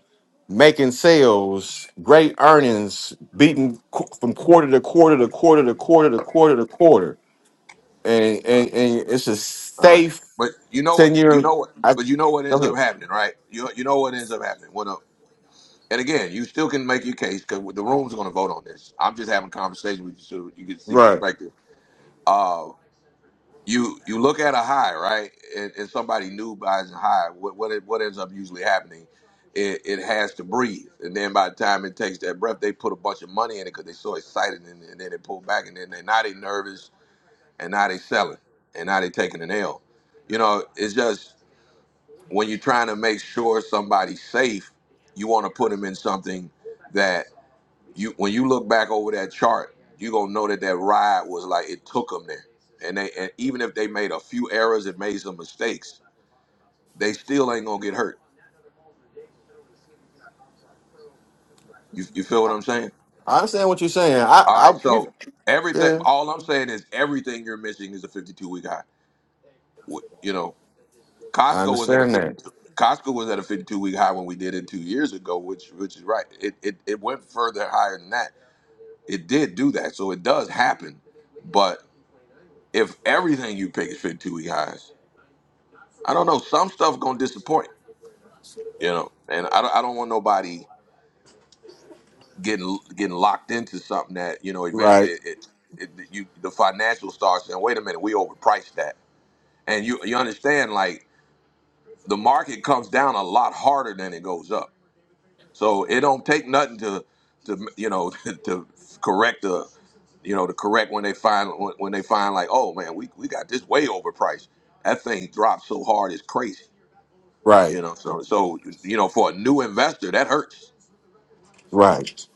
Speaker 9: making sales great earnings beating qu- from quarter to quarter to quarter to quarter to quarter to quarter and and, and it's a
Speaker 1: All right.
Speaker 9: safe
Speaker 1: But you know,
Speaker 9: 10
Speaker 1: you
Speaker 9: year
Speaker 1: know what,
Speaker 9: i
Speaker 1: but you know what
Speaker 9: go
Speaker 1: ends
Speaker 9: ahead
Speaker 1: up happening, right? You you know what ends up happening. What? up? And again, you still can make your case because the room's going to vote on this. I'm just having a conversation with you so you can see
Speaker 9: Right.
Speaker 1: perspective. Uh, you you look at a high, right? And, and somebody new buys a high. What what, it, what ends up usually happening? It, it has to breathe, and then by the time it takes that breath, they put a bunch of money in it because they're so excited, and, and then they pull back, and then they now they nervous, and now they selling, and now they taking an L. You know, it's just when you're trying to make sure somebody's safe, you want to put them in something that you when you look back over that chart, you gonna know that that ride was like it took them there, and they and even if they made a few errors and made some mistakes, they still ain't gonna get hurt. You you feel what I'm saying?
Speaker 9: I understand what you're saying. I,
Speaker 1: All right,
Speaker 9: I,
Speaker 1: so
Speaker 9: you-
Speaker 1: everything,
Speaker 9: yeah,
Speaker 1: all I'm saying is everything you're missing is a 52 week high. Wh- You know,
Speaker 9: I
Speaker 1: Costco was at a
Speaker 9: understand that.
Speaker 1: 52. Costco was at a 52 week high when we did it two years ago, which which is right. It it, it went further higher than that. It did do that, so it does happen. But if everything you pick is 52 week highs. I don't know. Some stuff gonna disappoint, you know. And I don't, I don't want nobody getting getting locked into something that you know eventually
Speaker 9: Right,
Speaker 1: it, it, you the financial starts saying, wait a minute, we overpriced that. And you you understand like the market comes down a lot harder than it goes up. So it don't take nothing to to you know <laughs> to to correct the you know to correct when they find when when they find like oh man we, we got this way overpriced that thing dropped so hard it's crazy
Speaker 9: right,
Speaker 1: You know, so so you know, for a new investor, that hurts.
Speaker 9: right.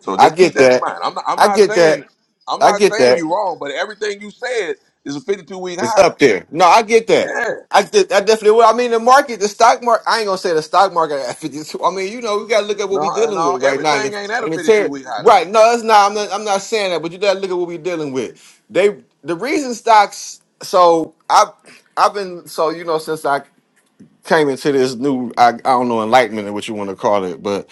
Speaker 1: So
Speaker 9: I
Speaker 1: just keep
Speaker 9: get
Speaker 1: that in
Speaker 9: that.
Speaker 1: mind. I'm not, I'm
Speaker 9: I
Speaker 1: not
Speaker 9: get that.
Speaker 1: saying I'm
Speaker 9: I
Speaker 1: not
Speaker 9: get
Speaker 1: saying
Speaker 9: that.
Speaker 1: you're wrong, but everything you said is a 52 week
Speaker 9: It's
Speaker 1: high.
Speaker 9: up there. No, I get that.
Speaker 1: Yeah,
Speaker 9: I, did- I definitely will. I mean, the market, the stock market. I ain't gonna say the stock market at <laughs> 52. I mean, you know, we gotta look at what
Speaker 1: no,
Speaker 9: we're dealing
Speaker 1: no,
Speaker 9: with right now. And
Speaker 1: everything ain't
Speaker 9: it's,
Speaker 1: at a
Speaker 9: and it's
Speaker 1: 52
Speaker 9: here.
Speaker 1: week high though.
Speaker 9: right. No, it's not. I'm not. I'm not saying that. But you gotta look at what we're dealing with. They the reason stocks. So I I've been so you know since I came into this new I, I don't know enlightenment or what you want to call it, but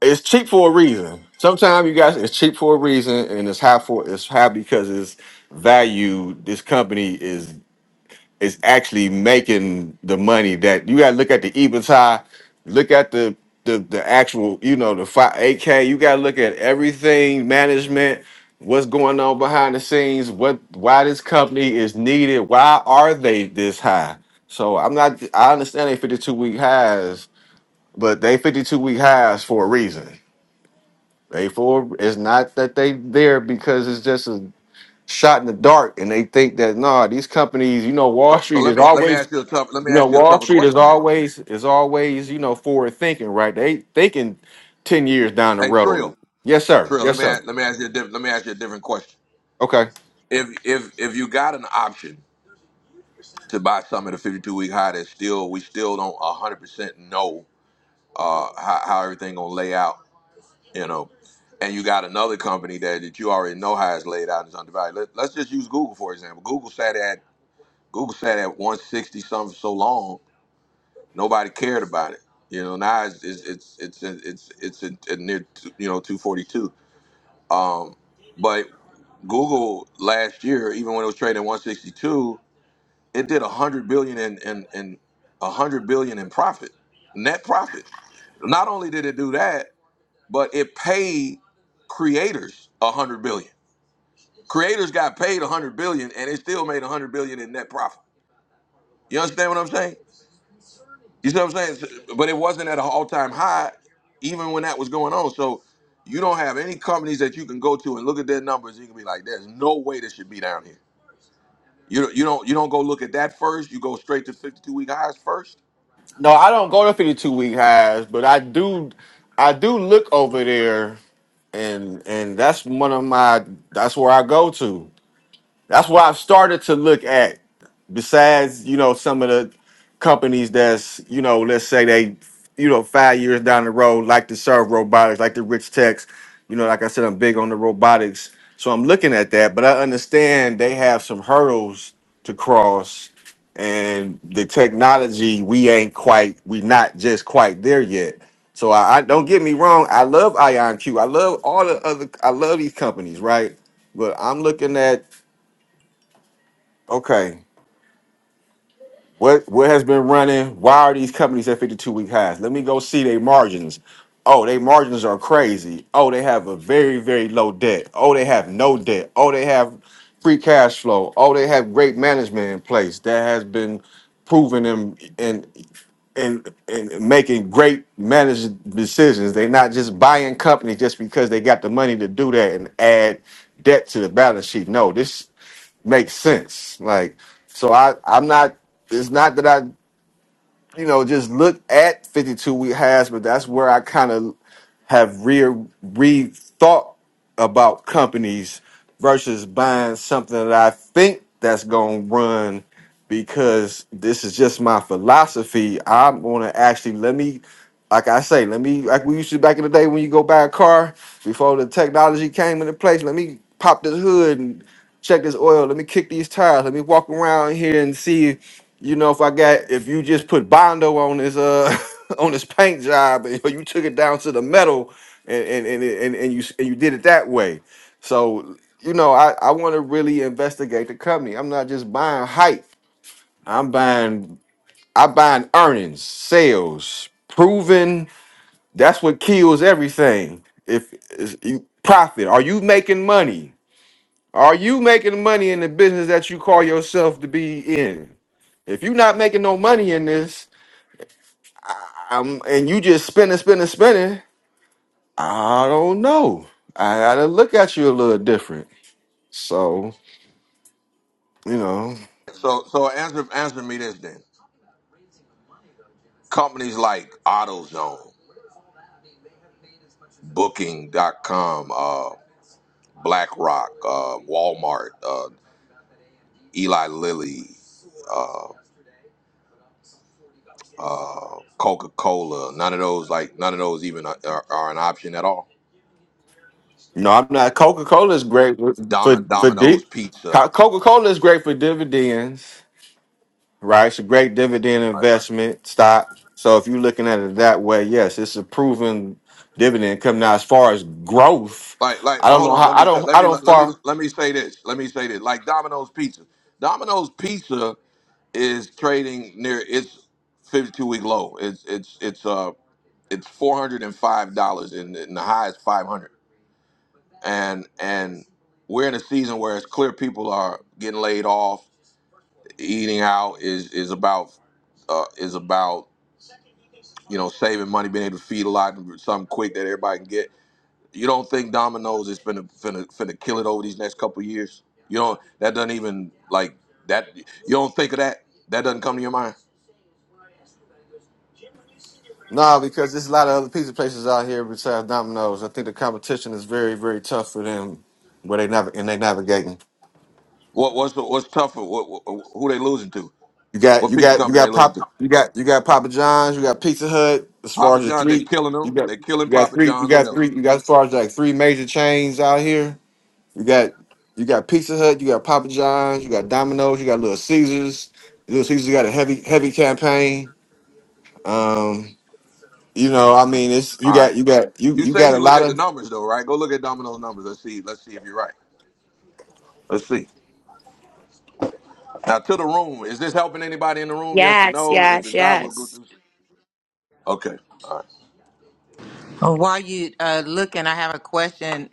Speaker 9: it's cheap for a reason. Sometimes you guys it's cheap for a reason and it's high for it's high because it's value this company is is actually making the money that you got to look at the EBITDA, look at the the the actual, you know, the five eight K. You got to look at everything, management, what's going on behind the scenes, what why this company is needed, why are they this high? So I'm not. I understand they 52 week highs, but they 52 week highs for a reason. They for it's not that they there because it's just a shot in the dark, and they think that nah, these companies, you know, Wall
Speaker 1: So so
Speaker 9: Street
Speaker 1: let
Speaker 9: is
Speaker 1: me let me
Speaker 9: always
Speaker 1: ask you a tough let me
Speaker 9: you know,
Speaker 1: ask you a
Speaker 9: Wall
Speaker 1: tougher
Speaker 9: Street is
Speaker 1: question then.
Speaker 9: always is always you know forward thinking, right? They thinking ten years down the
Speaker 1: Hey Trill,
Speaker 9: road. Yes, sir.
Speaker 1: Trill, let
Speaker 9: Yes,
Speaker 1: me
Speaker 9: sir.
Speaker 1: ask, let me ask you a different let me ask you a different question.
Speaker 9: Okay.
Speaker 1: If if if you got an option to buy some at a 52 week high, that still we still don't 100 percent know uh, how how everything gonna lay out you know, and you got another company that, that you already know how it's laid out and is undervalued. Let, let's just use Google for example. Google sat at Google sat at 160 something for so long, nobody cared about it. You know, now it's it's it's it's it's, it's at near you know 242. Um, but Google last year, even when it was trading at 162, it did 100 billion in in, in 100 billion in profit, net profit. Not only did it do that. but it paid creators a hundred billion. Creators got paid a hundred billion, and it still made a hundred billion in net profit. You understand what I'm saying? You see what I'm saying? But it wasn't at an all-time high, even when that was going on. So you don't have any companies that you can go to and look at their numbers. You can be like, "There's no way this should be down here." You don't, you don't you don't go look at that first. You go straight to 52-week highs first.
Speaker 9: No, I don't go to fifty two week highs, but I do. I do look over there, and and that's one of my. That's where I go to. That's where I've started to look at. besides you know some of the companies that's you know let's say they you know five years down the road like to serve robotics like the rich techs you know like i said i'm big on the robotics so i'm looking at that but i understand they have some hurdles to cross and the technology we ain't quite we not just quite there yet so i, I don't get me wrong i love ionq i love all the other i love these companies right but i'm looking at okay What what has been running? Why are these companies at 52 week highs? Let me go see their margins. Oh, their margins are crazy. Oh, they have a very, very low debt. Oh, they have no debt. Oh, they have free cash flow. Oh, they have great management in place that has been proven them and and and making great managed decisions. They're not just buying companies just because they got the money to do that and add debt to the balance sheet. No, this makes sense. Like, so I, I'm not, it's not that I, you know, just look at 52 week has, but that's where I kind of have re rethought about companies versus buying something that I think that's going to run because this is just my philosophy. I'm going to actually let me, like I say, let me, like we used to back in the day when you go buy a car before the technology came into place, let me pop this hood and check this oil. Let me kick these tires. Let me walk around here and see, you know, if I got if you just put bondo on this uh <laughs> on this paint job <laughs> and you took it down to the metal and and and and, and you and you did it that way. So you know, I I want to really investigate the company. I'm not just buying hype. I'm buying I buying earnings, sales, proven. That's what kills everything. If is you profit, are you making money? Are you making money in the business that you call yourself to be in? If you're not making no money in this, um, and you just spinning, spinning, spinning, I don't know. I gotta look at you a little different. So you know,
Speaker 1: So so answer answer me this then. Companies like AutoZone, Booking.com, BlackRock, uh, Walmart, uh, Eli Lilly, uh, uh, Coca Cola. None of those, like none of those, even are, are are an option at all.
Speaker 9: no, I'm not. Coca Cola is great for for,
Speaker 1: Dom-
Speaker 9: for di-
Speaker 1: Domino's Pizza.
Speaker 9: Coca Cola is great for dividends. right? It's a great dividend
Speaker 1: Right.
Speaker 9: investment stock. So if you're looking at it that way, yes, it's a proven dividend come now as far as growth.
Speaker 1: Like, like,
Speaker 9: I don't
Speaker 1: hold
Speaker 9: know
Speaker 1: on.
Speaker 9: how
Speaker 1: Let
Speaker 9: I
Speaker 1: me say-
Speaker 9: don't
Speaker 1: let
Speaker 9: I
Speaker 1: me
Speaker 9: don't
Speaker 1: let me
Speaker 9: far
Speaker 1: let me say this. Let me say this. Like Domino's Pizza. Domino's Pizza is trading near its 52 week low. It's it's it's uh it's four hundred and five dollars, and, and the high is 500 and and we're in a season where it's clear people are getting laid off. Eating out is is about uh, is about you know saving money, being able to feed a lot and something quick that everybody can get. You don't think Domino's is finna finna finna kill it over these next couple of years? You don't. That doesn't even like that. You don't think of that. That doesn't come to your mind.
Speaker 9: no because there's a lot of other pizza places out here besides Domino's. I think the competition is very very tough for them where they never and they navigating.
Speaker 1: What what's the, what's tougher? What, what, who they losing to?
Speaker 9: You got
Speaker 1: What
Speaker 9: you
Speaker 1: piece of
Speaker 9: got you
Speaker 1: company they
Speaker 9: got
Speaker 1: losing to?
Speaker 9: pop you got you got Papa John's, you got Pizza Hut as far
Speaker 1: Papa
Speaker 9: as the
Speaker 1: John. They're
Speaker 9: three
Speaker 1: killing
Speaker 9: you
Speaker 1: them.
Speaker 9: got
Speaker 1: They're killing
Speaker 9: you got
Speaker 1: Papa
Speaker 9: three you
Speaker 1: John's. What
Speaker 9: got
Speaker 1: else?
Speaker 9: three you got as far as like three major chains out here You got you got Pizza Hut, you got Papa John's, you got Domino's, you got Little Caesars. Little Caesars got a heavy heavy campaign. Um, you know, I mean, it's
Speaker 1: All
Speaker 9: you
Speaker 1: right.
Speaker 9: got you got you
Speaker 1: You
Speaker 9: you
Speaker 1: say
Speaker 9: got a
Speaker 1: you look
Speaker 9: lot
Speaker 1: at the
Speaker 9: of
Speaker 1: numbers though, right? Go look at Domino's numbers. Let's see. Let's see if you're right. Let's see. Now to the room. Is this helping anybody in the room? Yes or
Speaker 5: Yes,
Speaker 1: no? If
Speaker 5: yes,
Speaker 1: it's not, we'll go
Speaker 5: yes.
Speaker 1: through. Okay.
Speaker 6: Uh, While you uh, looking, I have a question.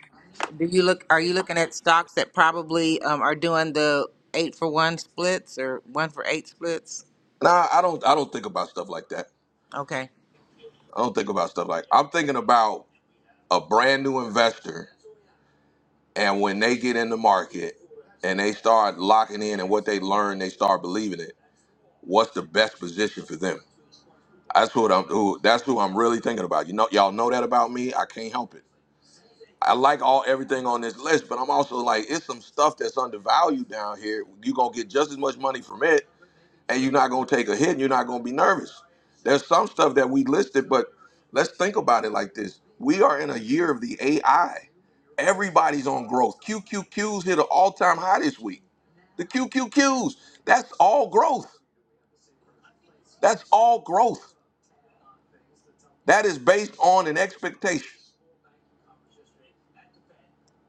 Speaker 6: Do you look? Are you looking at stocks that probably um, are doing the eight for one splits or one for eight splits?
Speaker 1: Nah, I don't. I don't think about stuff like that.
Speaker 6: Okay.
Speaker 1: I don't think about stuff like. I'm thinking about a brand new investor, and when they get in the market and they start locking in and what they learn, they start believing it. What's the best position for them? That's what I'm. Who, that's who I'm really thinking about. You know, y'all know that about me. I can't help it. I like all everything on this list, but I'm also like, it's some stuff that's undervalued down here. You're gonna get just as much money from it, and you're not gonna take a hit, and you're not gonna be nervous. There's some stuff that we listed, but let's think about it like this. We are in a year of the AI. Everybody's on growth. QQQs hit an all-time high this week. The QQQs, that's all growth. That's all growth. That is based on an expectation.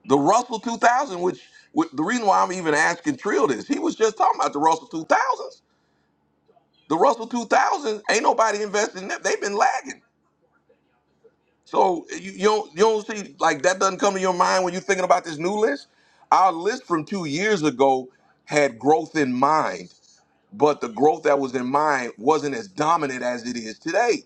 Speaker 1: The Russell 2000, which, which the reason why I'm even asking Trill this, he was just talking about the Russell 2000s. The Russell 2000s ain't nobody investing in them. They've been lagging. So you, you don't you don't see like that doesn't come to your mind when you're thinking about this new list. Our list from two years ago had growth in mind, but the growth that was in mind wasn't as dominant as it is today.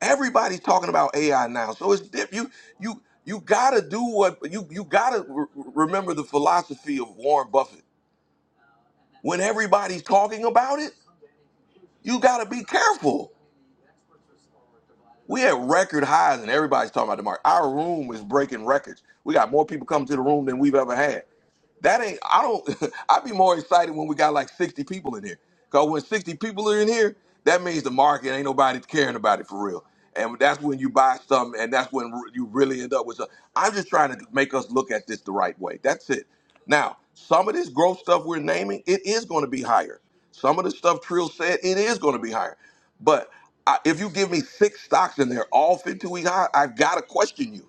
Speaker 1: Everybody's talking about AI now, so it's diff- you you you gotta do what you you gotta re- remember the philosophy of Warren Buffett. when everybody's talking about it, you got to be careful. We at record highs and everybody's talking about the market. Our room is breaking records. We got more people coming to the room than we've ever had. That ain't. I don't. <laughs> I'd be more excited when we got like sixty people in here. Cause when sixty people are in here, that means the market ain't nobody caring about it for real. And that's when you buy something, and that's when re- you really end up with. Something. I'm just trying to make us look at this the right way. That's it. Now, some of this growth stuff we're naming, it is going to be higher. Some of the stuff Trill said, it is going to be higher. But I, if you give me six stocks in there, all 52 week high, I've got to question you.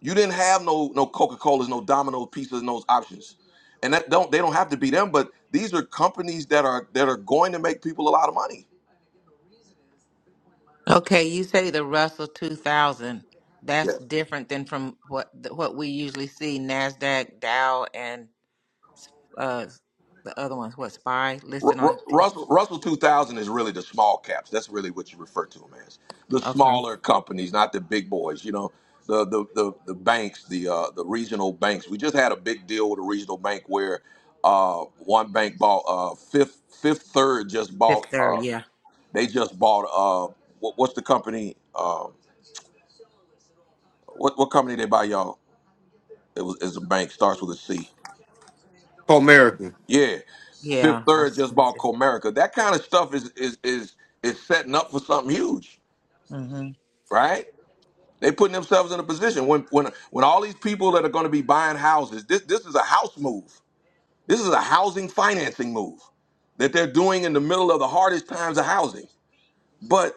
Speaker 1: You didn't have no no Coca Colas, no Domino pizzas, and those options, and that don't they don't have to be them. But these are companies that are that are going to make people a lot of money.
Speaker 6: Okay. You say the Russell two thousand. That's
Speaker 1: Yeah.
Speaker 6: different than from what what we usually see Nasdaq, Dow, and uh, the other ones. What Spy
Speaker 1: Ru-
Speaker 6: listed
Speaker 1: Ru-
Speaker 6: on? T-
Speaker 1: Russell Russell two thousand is really the small caps. That's really what you refer to them as the
Speaker 6: okay,
Speaker 1: smaller companies, not the big boys. You know, the the the, the banks, the uh, the regional banks. We just had a big deal with a regional bank where uh, one bank bought uh, fifth fifth third just
Speaker 6: Fifth
Speaker 1: bought uh,
Speaker 6: Third. Yeah,
Speaker 1: they just bought uh, what, what's the company? um, What what company they buy y'all? It was it's a bank starts with a C.
Speaker 9: Comerica. You
Speaker 1: Yeah, Fifth
Speaker 6: yeah. I
Speaker 1: Third
Speaker 6: see.
Speaker 1: just bought Comerica. That kind of stuff is is is is setting up for something huge,
Speaker 6: Mm-hmm.
Speaker 1: right? They putting themselves in a position when when when all these people that are going to be buying houses. This this is a house move. This is a housing financing move that they're doing in the middle of the hardest times of housing. But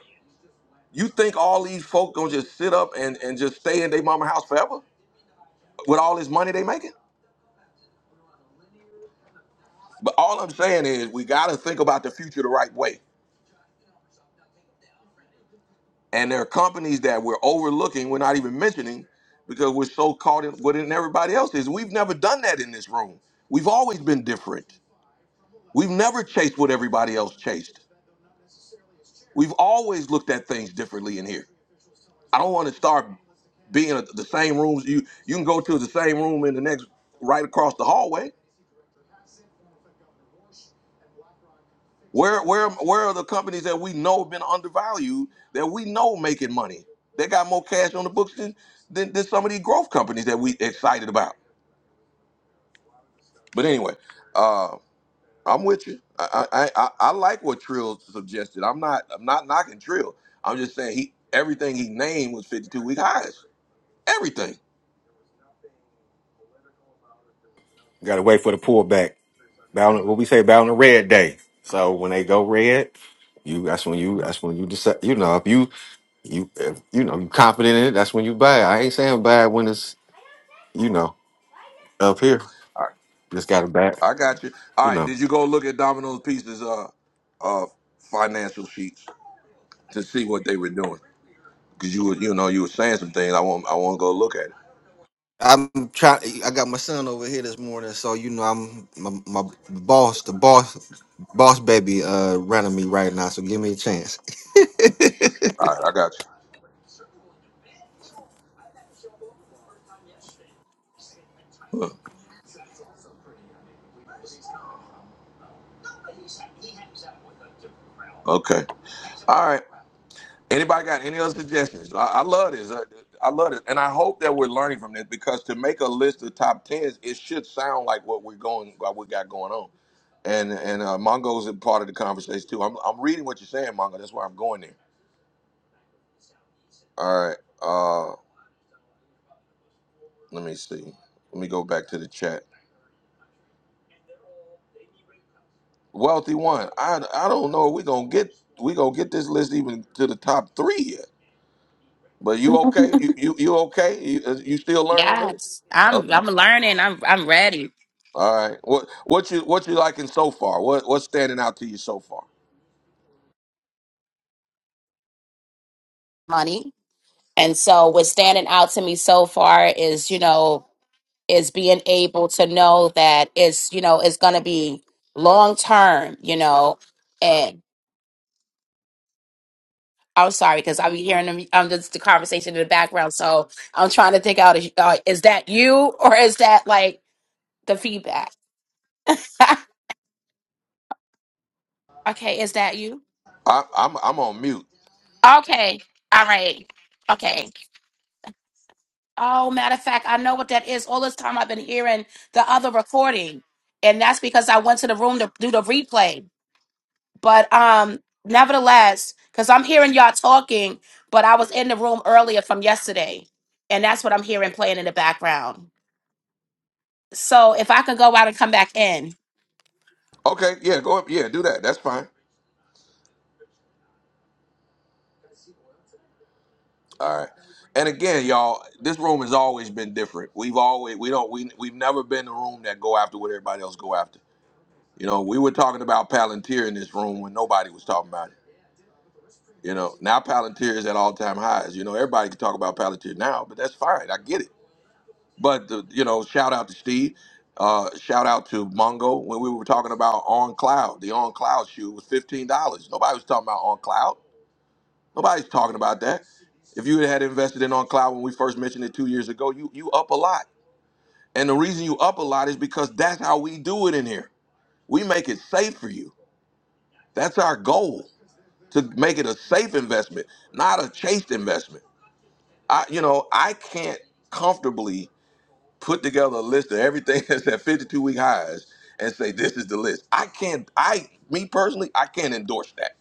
Speaker 1: you think all these folk gonna just sit up and, and just stay in their mama house forever with all this money they making? But all I'm saying is we got to think about the future the right way. And there are companies that we're overlooking, we're not even mentioning because we're so caught in what in everybody else is. We've never done that in this room. We've always been different. We've never chased what everybody else chased. We've always looked at things differently in here. I don't want to start being a, the same rooms. You you can go to the same room in the next right across the hallway Where where where are the companies that we know have been undervalued that we know making money? They got more cash on the books than than, than some of these growth companies that we excited about. But anyway, uh, I'm with you. I, I I I like what Trill suggested. I'm not I'm not knocking Trill. I'm just saying he everything he named was 52 week highs. Everything.
Speaker 9: got to wait for the pullback. Bound what we say bound the red day. So when they go red, you that's when you that's when you decide. You know, if you you if, you know you confident in it, that's when you buy. it. I ain't saying buy it when it's you know up here.
Speaker 1: All right,
Speaker 9: Just got to buy. it,
Speaker 1: I got you. All
Speaker 9: You
Speaker 1: right,
Speaker 9: know.
Speaker 1: did you go look at Domino's Pizza's uh uh financial sheets to see what they were doing? Cause you were, you know, you were saying some things. I want, I want to go look at it.
Speaker 9: I'm trying. I got my son over here this morning, so you know I'm my, my boss, the boss, boss baby, uh, running me right now. So give me a chance.
Speaker 1: All right, I got you. Huh, Okay. All right. Anybody got any other suggestions? I, I love this. I, I love it, and I hope that we're learning from this because to make a list of top tens, it should sound like what we're going, what we got going on. And and uh, Mongo's a part of the conversation too. I'm I'm reading what you're saying, Mongo. That's why I'm going there. All right. Uh, let me see. Let me go back to the chat. Wealthy one. I I don't know. if We gonna get we gonna get this list even to the top three. But
Speaker 5: <laughs>
Speaker 1: you okay? You you, you okay? You, uh, you still learning it?
Speaker 5: yes. I'm
Speaker 1: Okay.
Speaker 5: I'm learning. I'm I'm ready.
Speaker 1: All right. What what you what you liking so far? What what's standing out to you so far?
Speaker 5: Money. And so what's standing out to me so far is, you know. is being able to know that it's you know it's going to be long term you know and i'm sorry because i'll be hearing them um, just the conversation in the background so i'm trying to think out uh, is that you or is that like the feedback <laughs> okay is that you
Speaker 1: I, I'm I'm on mute.
Speaker 5: okay all right okay oh matter of fact i know what that is all this time i've been hearing the other recording and that's because i went to the room to do the replay But um, nevertheless, because I'm hearing y'all talking, but I was in the room earlier from yesterday, and that's what I'm hearing playing in the background. So if I could go out and come back in,
Speaker 1: Okay. Yeah. Go up. Yeah. Do that. That's fine. All right. And again, y'all, this room has always been different. We've always we don't we we've never been the room that go after what everybody else go after. You know, we were talking about Palantir in this room when nobody was talking about it. You know, now Palantir is at all time highs. You know, everybody can talk about Palantir now, but that's fine. I get it. But uh, you know, shout out to Steve. Uh, shout out to Mongo when we were talking about on cloud. The on cloud shoe was fifteen dollars. Nobody was talking about on cloud. Nobody's talking about that. If you had invested in on cloud when we first mentioned it two years ago, you you up a lot. And the reason you up a lot is because that's how we do it in here. We make it safe for you. That's our goal to make it a safe investment, not a chased investment. I you know I can't comfortably put together a list of everything <laughs> that's at 52 week highs and say this is the list. I can't, I, me personally, I can't endorse that.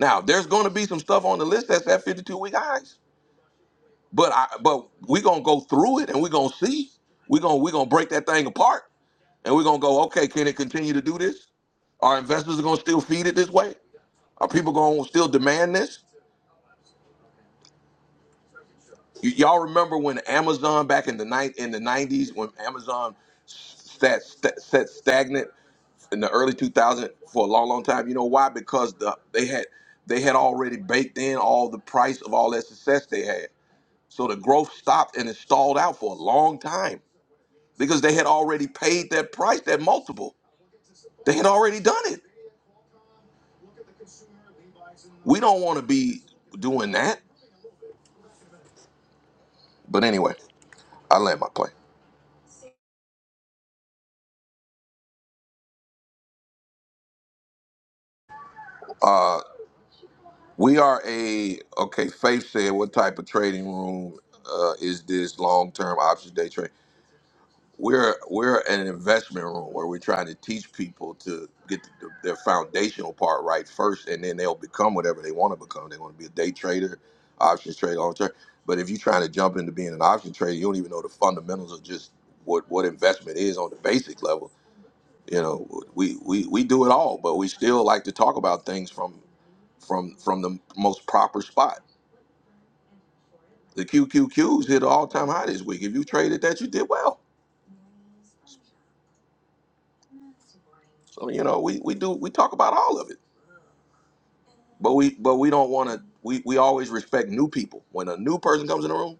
Speaker 1: Now, there's going to be some stuff on the list that's at 52 week highs, but I, but we're going to go through it and we're going to see. We're going, to we're going to break that thing apart and we're going to go, okay, can it continue to do this? Are investors going to still feed it this way? Are people going to still demand this? Y- y'all remember when Amazon back in the night in the nineties when Amazon sat st- sat stagnant in the early 2000s for a long, long time. You know why? Because the they had they had already baked in all the price of all that success they had. So the growth stopped and it stalled out for a long time because they had already paid that price, that multiple. They had already done it. We don't want to be doing that. But anyway, I land my plane. Uh, We are a okay. Faith said, "What type of trading room uh, is this long-term options day trade?" We're we're an investment room where we're trying to teach people to get the, their foundational part right first, and then they'll become whatever they want to become. They want to be a day trader, options trader, long term. But if you're trying to jump into being an option trader, you don't even know the fundamentals of just what what investment is on the basic level. You know, we we we do it all, but we still like to talk about things from from from the most proper spot The QQQs hit all time high this week. If you traded that, you did well. So you know we, we do we talk about all of it, but we but we don't want to. We we always respect new people. When a new person comes in the room,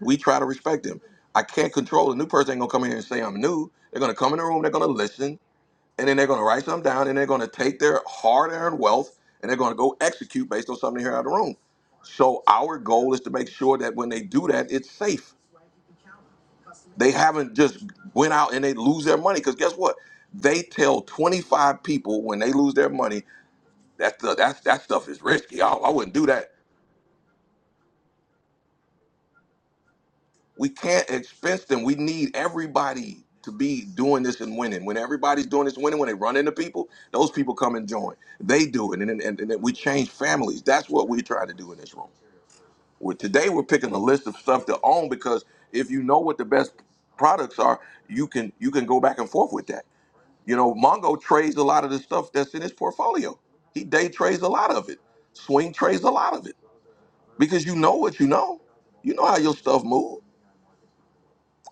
Speaker 1: we try to respect them. I can't control the new person. Ain't gonna come in here and say I'm new. They're gonna come in the room. They're gonna listen, and then they're gonna write something down, and they're gonna take their hard earned wealth, and they're gonna go execute based on something they hear out of the room. So our goal is to make sure that when they do that, it's safe. They haven't just went out and they lose their money because guess what? They tell 25 people when they lose their money that the, that that stuff is risky. I, I wouldn't do that. We can't expense them. We need everybody to be doing this and winning. When everybody's doing this and winning, when they run into people, those people come and join. They do it, and and, and then we change families. That's what we try to do in this room. We're, today we're picking a list of stuff to own because if you know what the best products are, you can you can go back and forth with that You know, Mongo trades a lot of the stuff that's in his portfolio. He day trades a lot of it. Swing trades a lot of it because you know what you know. You know how your stuff move.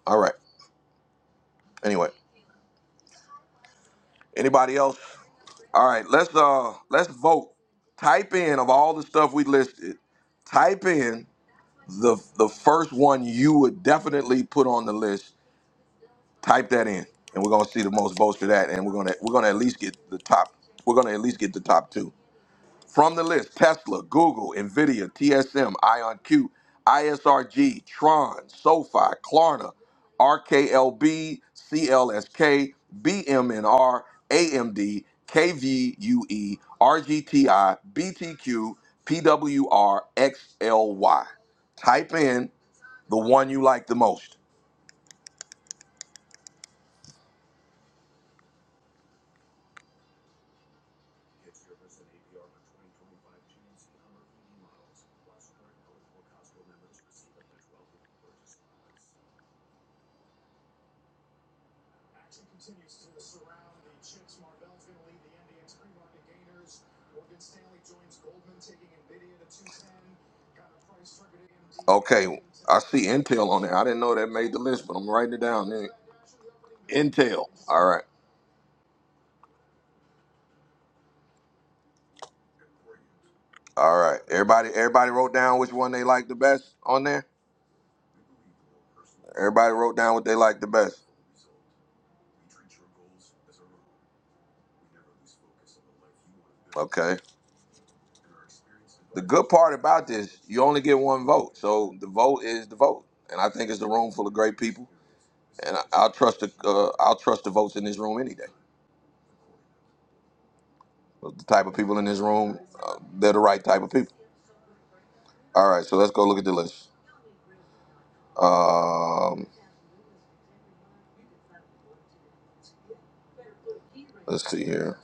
Speaker 1: All right. Anyway, anybody else? All right. Let's uh let's vote. Type in of all the stuff we listed. Type in the the first one you would definitely put on the list. Type that in, and we're gonna see the most votes for that. And we're gonna we're gonna at least get the top. We're gonna at least get the top two. From the list, Tesla, Google, Nvidia, TSM, IonQ, ISRG, Tron, SoFi, Klarna, RKLB, CLSK, BMNR, AMD, KVUE, RGTI, BTQ, PWR, XLY. Type in the one you like the most. Okay, I see Intel on there. I didn't know that made the list, but I'm writing it down. Then Intel. All right, all right. Everybody, everybody wrote down which one they liked the best on there. Everybody wrote down what they liked the best. Okay. The good part about this, you only get one vote, so the vote is the vote, and I think it's a room full of great people. and I, I'll trust the uh, I'll trust the votes in this room any day. The type of people in this room, uh, they're the right type of people. All right, so let's go look at the list. Um, let's see here.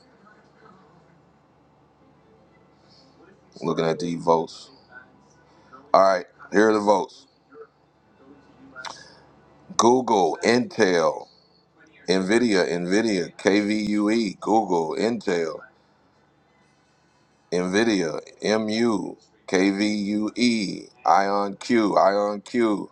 Speaker 1: Looking at the votes. All right, here are the votes: Google, Intel, Nvidia, Nvidia, KVUE, Google, Intel, Nvidia, MU, KVUE, IonQ, IonQ.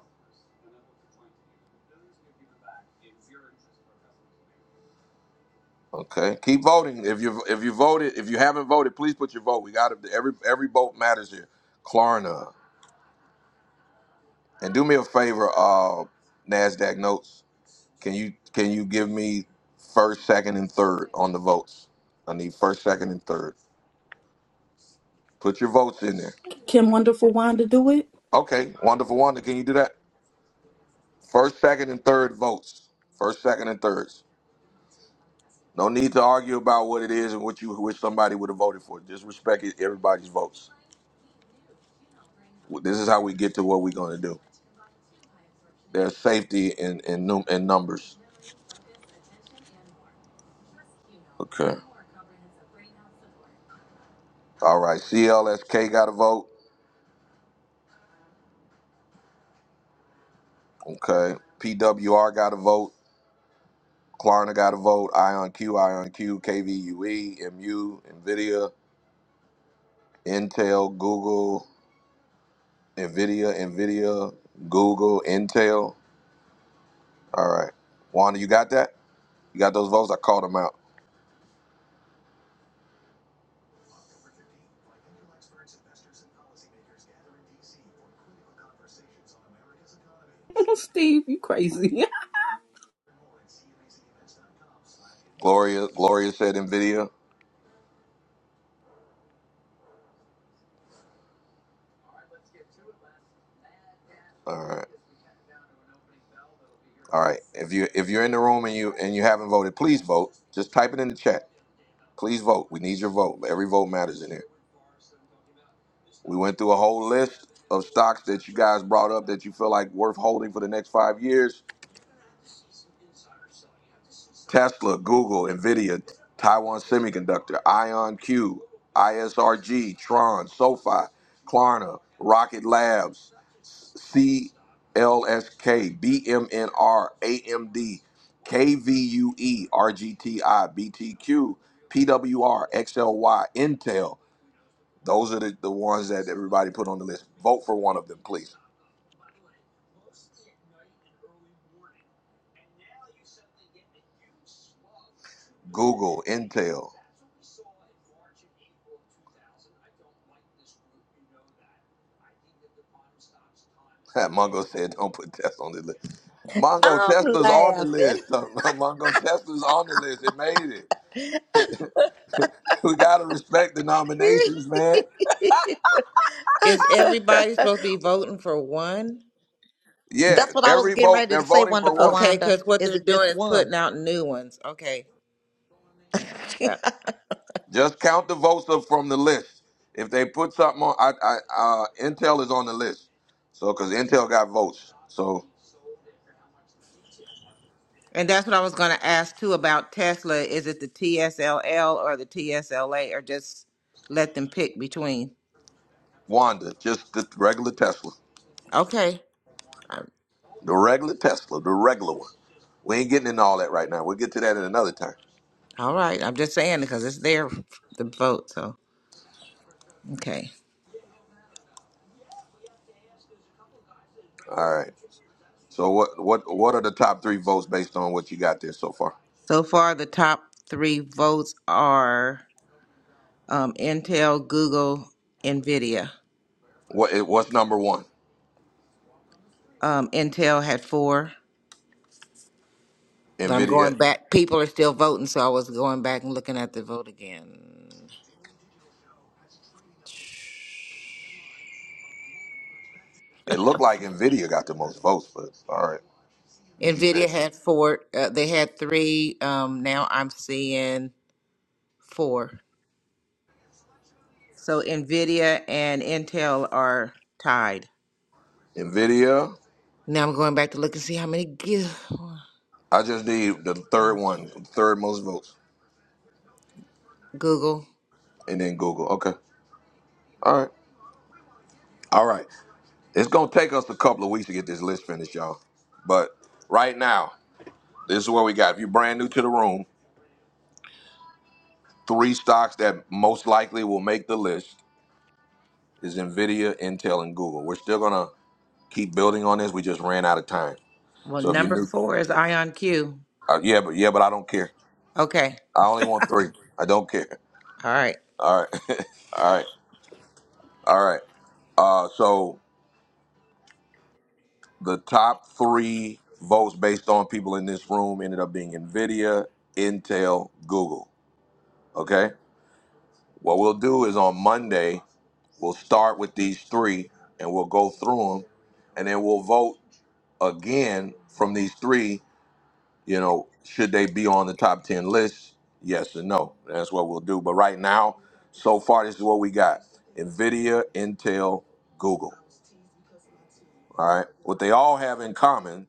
Speaker 1: Okay, keep voting. If you if you voted, if you haven't voted, please put your vote. We got to every every vote matters here. Klarna, and do me a favor, uh, Nasdaq notes. Can you can you give me first, second, and third on the votes? I need first, second, and third. Put your votes in there.
Speaker 4: Can Wonderful Wanda do it?
Speaker 1: Okay, wonderful, Wanda. Can you do that? First, second, and third votes. First, second, and thirds. No need to argue about what it is and what you wish somebody would have voted for. Just respect it- everybody's votes. This is how we get to what we're going to do. There's safety in in, num- in numbers. Okay. All right. CLSK got a vote. Okay. PWR got a vote. Klarna got a vote. IonQ, IonQ, KVUE, MU, NVIDIA, Intel, Google, NVIDIA, NVIDIA, Google, Intel. All right. Wanda, you got that? You got those votes? I called them out.
Speaker 4: <laughs> Steve, you crazy.
Speaker 1: Gloria, Gloria said NVIDIA. All right. All right. If you if you're in the room and you and you haven't voted, please vote. Just type it in the chat. Please vote. We need your vote. Every vote matters in here. We went through a whole list of stocks that you guys brought up that you feel like worth holding for the next five years. Tesla, Google, Nvidia, Taiwan Semiconductor, IonQ, ISRG, Tron, SoFi, Klarna, Rocket Labs, CLSK, BMNR, AMD, KVUE, RGTI, BTQ, PWR, XLY, Intel, Those are the, the ones that everybody put on the list. Vote for one of them, please. Google, Intel. <laughs> Mongo said, don't put Tesla on the list. Mongo,
Speaker 2: I'm
Speaker 1: Tesla's on the
Speaker 2: laughing.
Speaker 1: list. <laughs> Mongo, Tesla's on the list. It made it. <laughs> We got to respect the nominations, man.
Speaker 6: Is everybody
Speaker 2: <laughs>
Speaker 6: supposed to be voting for one?
Speaker 1: Yeah,
Speaker 2: That's what I was
Speaker 1: every
Speaker 2: getting
Speaker 1: vote,
Speaker 2: ready to
Speaker 1: they're
Speaker 2: say.
Speaker 1: voting for
Speaker 2: Wonderful
Speaker 1: one.
Speaker 6: Okay,
Speaker 2: Wanda.
Speaker 6: because what
Speaker 2: Is
Speaker 6: they're
Speaker 2: it just
Speaker 6: doing is
Speaker 2: one?
Speaker 6: putting out new ones. Okay. Yeah.
Speaker 2: <laughs>
Speaker 1: Just count the votes of, from the list. If they put something on, I, I, uh, Intel is on the list. So, because Intel got votes. So,
Speaker 6: And that's what I was going to ask too about Tesla. Is it the TSLL or the TSLA or just let them pick between?
Speaker 1: Wanda, just the regular Tesla.
Speaker 6: Okay. Um,
Speaker 1: The regular Tesla, the regular one. We ain't getting into all that right now. We'll get to that at another time.
Speaker 6: All right. I'm just saying because it's their the vote. So, okay.
Speaker 1: All right. So what what what are the top three votes based on what you got there so far?
Speaker 6: So far, the top three votes are um, Intel, Google, NVIDIA.
Speaker 1: What it- what's number one?
Speaker 6: Um, Intel had four, but I'm
Speaker 1: Nvidia.
Speaker 6: going back. People are still voting, so I was going back and looking at the vote again.
Speaker 1: It looked like Nvidia got the most votes, but all right. But you
Speaker 6: Nvidia
Speaker 1: said
Speaker 6: had four. Uh, they had three. Um, now I'm seeing four. So Nvidia and Intel are tied.
Speaker 1: Nvidia.
Speaker 6: Now I'm going back to look and see how many gi-
Speaker 1: I just need the third one, third most votes,
Speaker 6: Google.
Speaker 1: and then Google. Okay. All right. All right. It's gonna take us a couple of weeks to get this list finished, y'all. But right now, this is what we got. If you're brand new to the room, three stocks that most likely will make the list is Nvidia, Intel, and Google. We're still gonna keep building on this. We just ran out of time.
Speaker 6: Well,
Speaker 1: So if you
Speaker 6: number
Speaker 1: knew,
Speaker 6: four is IonQ.
Speaker 1: uh, yeah, but yeah, but I don't care.
Speaker 6: Okay.
Speaker 1: I only want three. I don't care.
Speaker 6: All right.
Speaker 1: All right, <laughs> all right, all right. Uh, so the top three votes based on people in this room ended up being Nvidia, Intel, Google. Okay. What we'll do is on Monday we'll start with these three and we'll go through them, and then we'll vote again from these three, you know, should they be on the top 10 list? Yes and no. That's what we'll do. But right now, so far, this is what we got NVIDIA, Intel, Google. All right. What they all have in common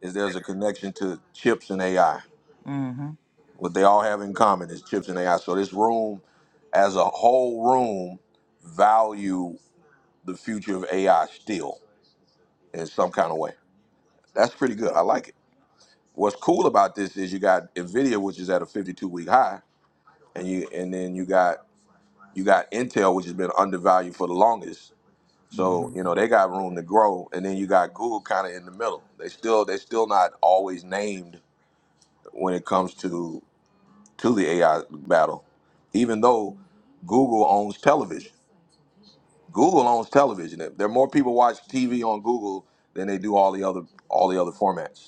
Speaker 1: is there's a connection to chips and AI.
Speaker 6: Mm-hmm.
Speaker 1: What they all have in common is chips and AI. So this room, as a whole room, value the future of AI still in some kind of way. That's pretty good. I like it. What's cool about this is you got Nvidia, which is at a 52 week high, and you and then you got you got Intel, which has been undervalued for the longest.
Speaker 6: Mm-hmm.
Speaker 1: So you know they got room to grow, and then you got Google kind of in the middle. They still they still not always named when it comes to to the AI battle, even though Google owns television. Google owns television. There are more people watch TV on Google than they do all the other all the other formats.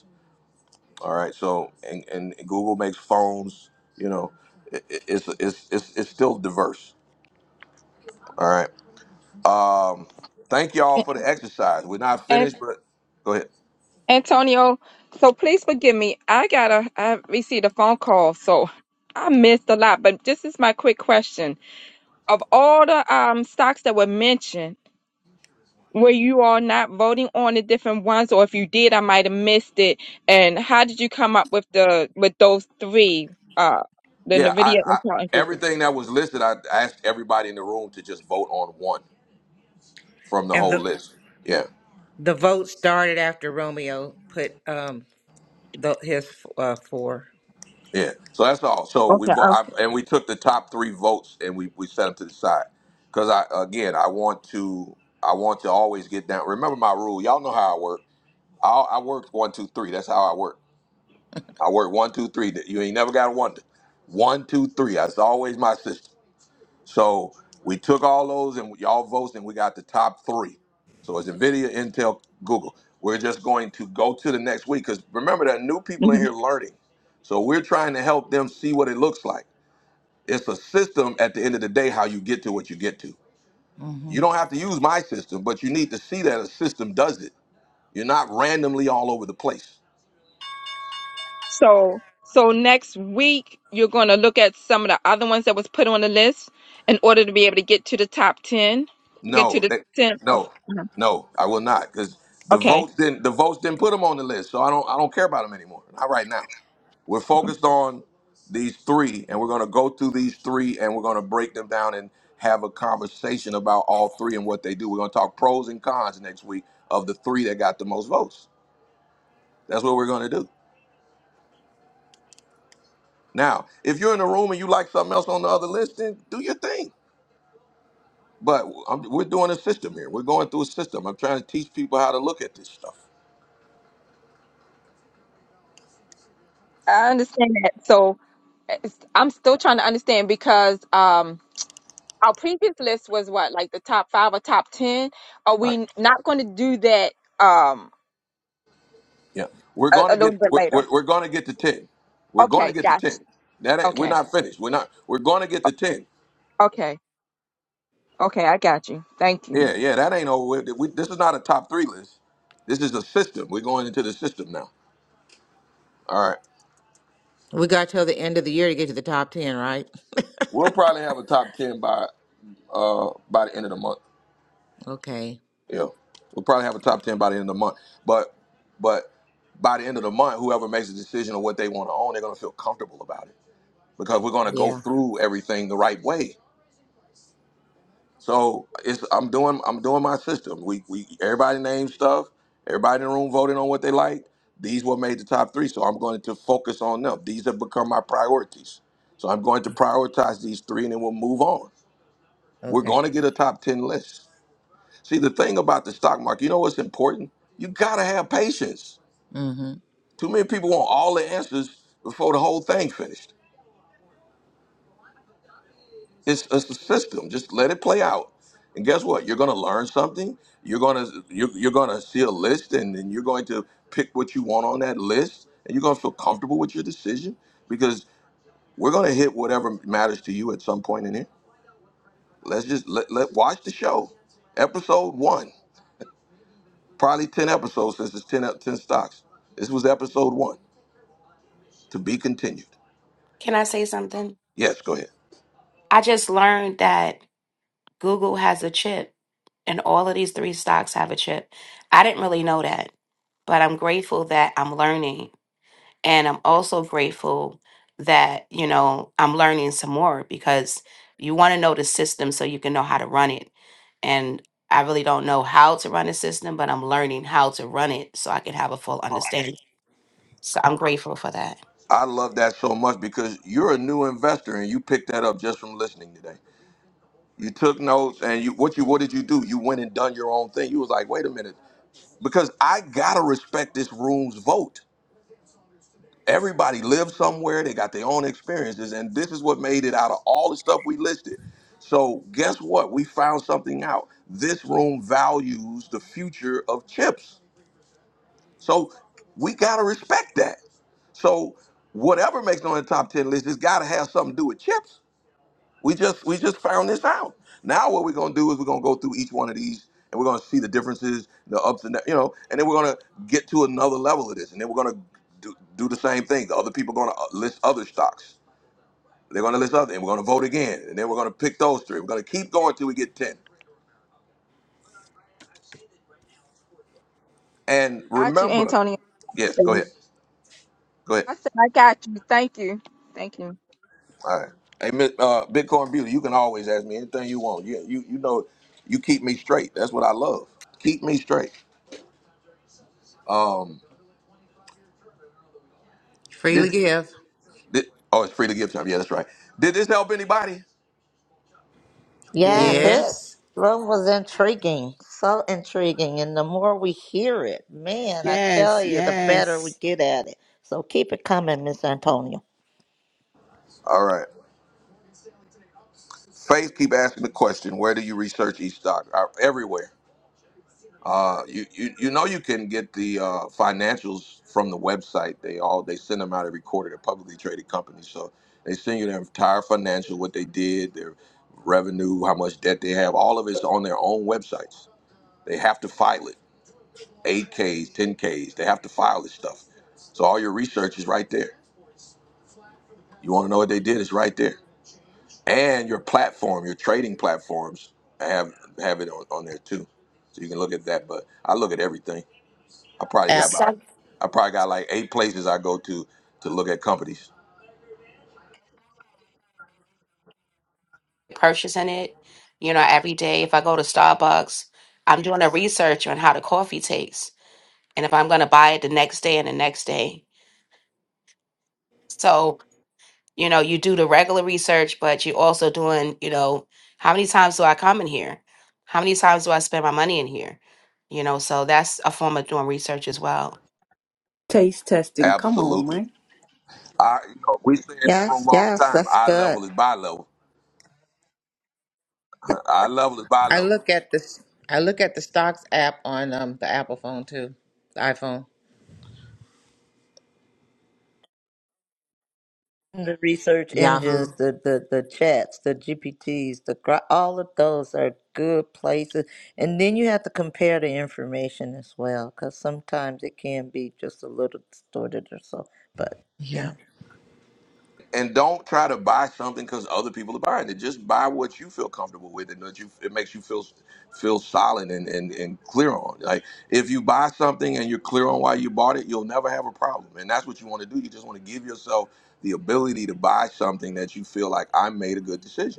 Speaker 1: All right. So and, and Google makes phones. You know, it, it- it's, it's it's it's still diverse. All right. Um, thank y'all for the exercise. We're not
Speaker 3: <laughs>
Speaker 1: finished, but go ahead.
Speaker 3: Antonio, so please forgive me. I got a I received a phone call, so I missed a lot. But this is my quick question: Of all the um stocks that were mentioned, were you all not voting on the different ones, or if you did, I might have missed it? And how did you come up with the with those three? Uh, the
Speaker 1: Yeah, I,
Speaker 3: Nvidia,
Speaker 1: I
Speaker 3: Intel, and Google.
Speaker 1: everything that was listed, I asked everybody in the room to just vote on one from the
Speaker 6: And
Speaker 1: whole
Speaker 6: the
Speaker 1: list. Yeah.
Speaker 6: the vote started after Romeo put um the, his uh, 4
Speaker 1: Yeah. So that's all. So we
Speaker 3: Okay,
Speaker 1: vo- I,
Speaker 3: awesome.
Speaker 1: and we took the top three votes and we we set them to the side because I again I want to I want to always get down. Remember my rule. Y'all know how I work. I, I work one, two, three. That's how I work. I work one, two, three. That- You ain't never got to wonder. One, two, three. That's always my system. So we took all those and y'all votes, and we got the top three. So it's NVIDIA, Intel, Google. We're just going to go to the next week because remember, there are new people in here learning. So we're trying to help them see what it looks like. It's a system at the end of the day, how you get to what you get to.
Speaker 6: Mm-hmm.
Speaker 1: You don't have to use my system, but you need to see that a system does it. You're not randomly all over the place.
Speaker 3: So so next week you're going to look at some of the other ones that was put on the list in order to be able to get to the top 10, get to
Speaker 1: No,
Speaker 3: the
Speaker 1: they,
Speaker 3: 10 of
Speaker 1: no,
Speaker 3: Mhm.
Speaker 1: no, I will not because the
Speaker 3: Okay.
Speaker 1: votes didn't the votes didn't put them on the list, so I don't I don't care about them anymore. Not right now. We're
Speaker 3: Okay.
Speaker 1: focused on these three, and we're going to go through these three, and we're going to break them down and have a conversation about all three and what they do. We're going to talk pros and cons next week of the three that got the most votes. That's what we're going to do. Now, if you're in the room and you like something else on the other list, then do your thing. But I'm, we're doing a system here. We're going through a system. I'm trying to teach people how to look at this stuff.
Speaker 3: I understand that. So it's, I'm still trying to understand because um our previous list was what like the top 5 or top 10. Are
Speaker 1: right?
Speaker 3: we not going to do that um
Speaker 1: Yeah, we're
Speaker 3: a, a
Speaker 1: gonna
Speaker 3: little
Speaker 1: get
Speaker 3: bit
Speaker 1: we're,
Speaker 3: later?
Speaker 1: we're, we're gonna get to ten. We're gonna
Speaker 3: Okay,
Speaker 1: get to
Speaker 3: got
Speaker 1: ten.
Speaker 3: you.
Speaker 1: That ain't, we're
Speaker 3: Okay.
Speaker 1: not finished. We're not. We're gonna get to ten.
Speaker 3: Okay. Okay, I got you. Thank
Speaker 1: Yeah,
Speaker 3: you.
Speaker 1: yeah. That ain't over. with. We, this is not a top three list. This is a system. We're going into the system now. All right.
Speaker 6: We got till the end of the year to get to the top ten, right?
Speaker 1: We'll probably have a top ten by uh by the end of the month.
Speaker 6: Okay.
Speaker 1: Yeah, we'll probably have a top ten by the end of the month. But but by the end of the month, whoever makes a decision on what they want to own, they're gonna feel comfortable about it because we're gonna go through everything the right way. So it's I'm doing I'm doing my system. We we everybody named stuff. Everybody in the room voted on what they liked. These were made the top three, so I'm going to focus on them. These have become my priorities. So I'm going to prioritize these three, and then we'll move on. We're
Speaker 6: Okay.
Speaker 1: going to get a top ten list. See, the thing about the stock market, you know what's important? You gotta have patience.
Speaker 6: Mm-hmm.
Speaker 1: Too many people want all the answers before the whole thing finished. It's, it's a system. Just let it play out. And guess what? You're going to learn something. You're going to you're, you're going to see a list, and then you're going to pick what you want on that list, and you're going to feel comfortable with your decision because we're going to hit whatever matters to you at some point in here. Let's just let, let watch the show, episode one. Probably ten episodes since it's 10, ep- 10 stocks. This was episode one. To be continued.
Speaker 5: can I say something?
Speaker 1: Yes, go ahead.
Speaker 5: I just learned that Google has a chip, and all of these three stocks have a chip. I didn't really know that, but I'm grateful that I'm learning And I'm also grateful that, you know, I'm learning some more because you want to know the system so you can know how to run it. And I really don't know how to run a system, but I'm learning how to run it so I can have a full understanding. So I'm grateful for that.
Speaker 1: I love that so much because you're a new investor and you picked that up just from listening today. You took notes, and you what you what did you do? You went and done your own thing. You was like, wait a minute, because I gotta respect this room's vote. Everybody lives somewhere; they got their own experiences, and this is what made it out of all the stuff we listed. So guess what? We found something out. This room values the future of chips, so we gotta respect that. So whatever makes it on the top ten list has got to have something to do with chips. We just we just found this out. Now what we're gonna do is we're gonna go through each one of these and we're gonna see the differences, the ups and the, you know, and then we're gonna get to another level of this, and then we're gonna do, do the same thing. The other people are gonna uh, list other stocks. They're gonna list other, and we're gonna vote again, and then we're gonna pick those three. We're gonna keep going till we get ten. And
Speaker 3: Got you,
Speaker 1: remember,
Speaker 3: Antonio.
Speaker 1: yes, go ahead, go ahead.
Speaker 3: I said, I got you. Thank you. Thank you.
Speaker 1: All right, hey, Mi- uh, Bitcoin Beauty, you can always ask me anything you want. You you you know, you keep me straight. That's what I love. Keep me straight. Um,
Speaker 6: Freely
Speaker 1: did
Speaker 6: give.
Speaker 1: Did, oh, it's free to give time. Yeah, that's right. Did this help anybody?
Speaker 4: <laughs>
Speaker 2: Yes,
Speaker 4: yeah.
Speaker 2: it
Speaker 6: Yes.
Speaker 2: room was intriguing, so intriguing, and the more we hear it, man, I tell
Speaker 16: Yes,
Speaker 2: you, the better we
Speaker 16: yes.
Speaker 2: get at it. So keep it coming, Miss Antonio.
Speaker 1: All right. Faith keep asking the question, where do you research each stock? Uh, everywhere. Uh, you, you you know you can get the uh, financials from the website. They all they send them out every quarter. They're publicly traded companies, so they send you their entire financial, what they did, their revenue, how much debt they have. All of it's on their own websites. They have to file it. 8Ks, 10Ks. They have to file this stuff. So all your research is right there. You want to know what they did? It's right there. and your platform, your trading platforms. I have have it on, on there too, so you can look at that. But I look at everything. I probably got
Speaker 6: App.
Speaker 5: Instead
Speaker 1: about
Speaker 5: of
Speaker 1: I probably got like eight places I go to to look at companies.
Speaker 5: purchasing it, you know, every day, if I go to Starbucks, I'm doing a research on how the coffee tastes and if I'm going to buy it the next day and the next day. So you know you do the regular research but you're also doing you know how many times do i come in here how many times do i spend my money in here you know so that's a form of doing research as well
Speaker 4: Taste testing. Come on,
Speaker 1: Absolutely.
Speaker 4: Mike.
Speaker 1: I you know we say in this
Speaker 2: Yes,
Speaker 1: room all the
Speaker 2: yes,
Speaker 1: time.
Speaker 2: that's
Speaker 1: Eye
Speaker 2: good.
Speaker 1: level is buy level. Eye level is buy
Speaker 6: I
Speaker 1: level.
Speaker 6: look at this. I look at the stocks app on um the Apple phone too, the iPhone.
Speaker 2: The research
Speaker 6: Yahoo.
Speaker 2: engines, the the the chats, the GPTs, the gra- all of those are good places, and then you have to compare the information as well, because sometimes it can be just a little distorted or so. But
Speaker 6: Yeah.
Speaker 2: yeah,
Speaker 1: and don't try to buy something because other people are buying it. Just buy what you feel comfortable with and that you it makes you feel feel solid and, and, and clear on. Like if you buy something and you're clear on why you bought it, you'll never have a problem. And that's what you want to do. You just want to give yourself the ability to buy something that you feel like I made a good decision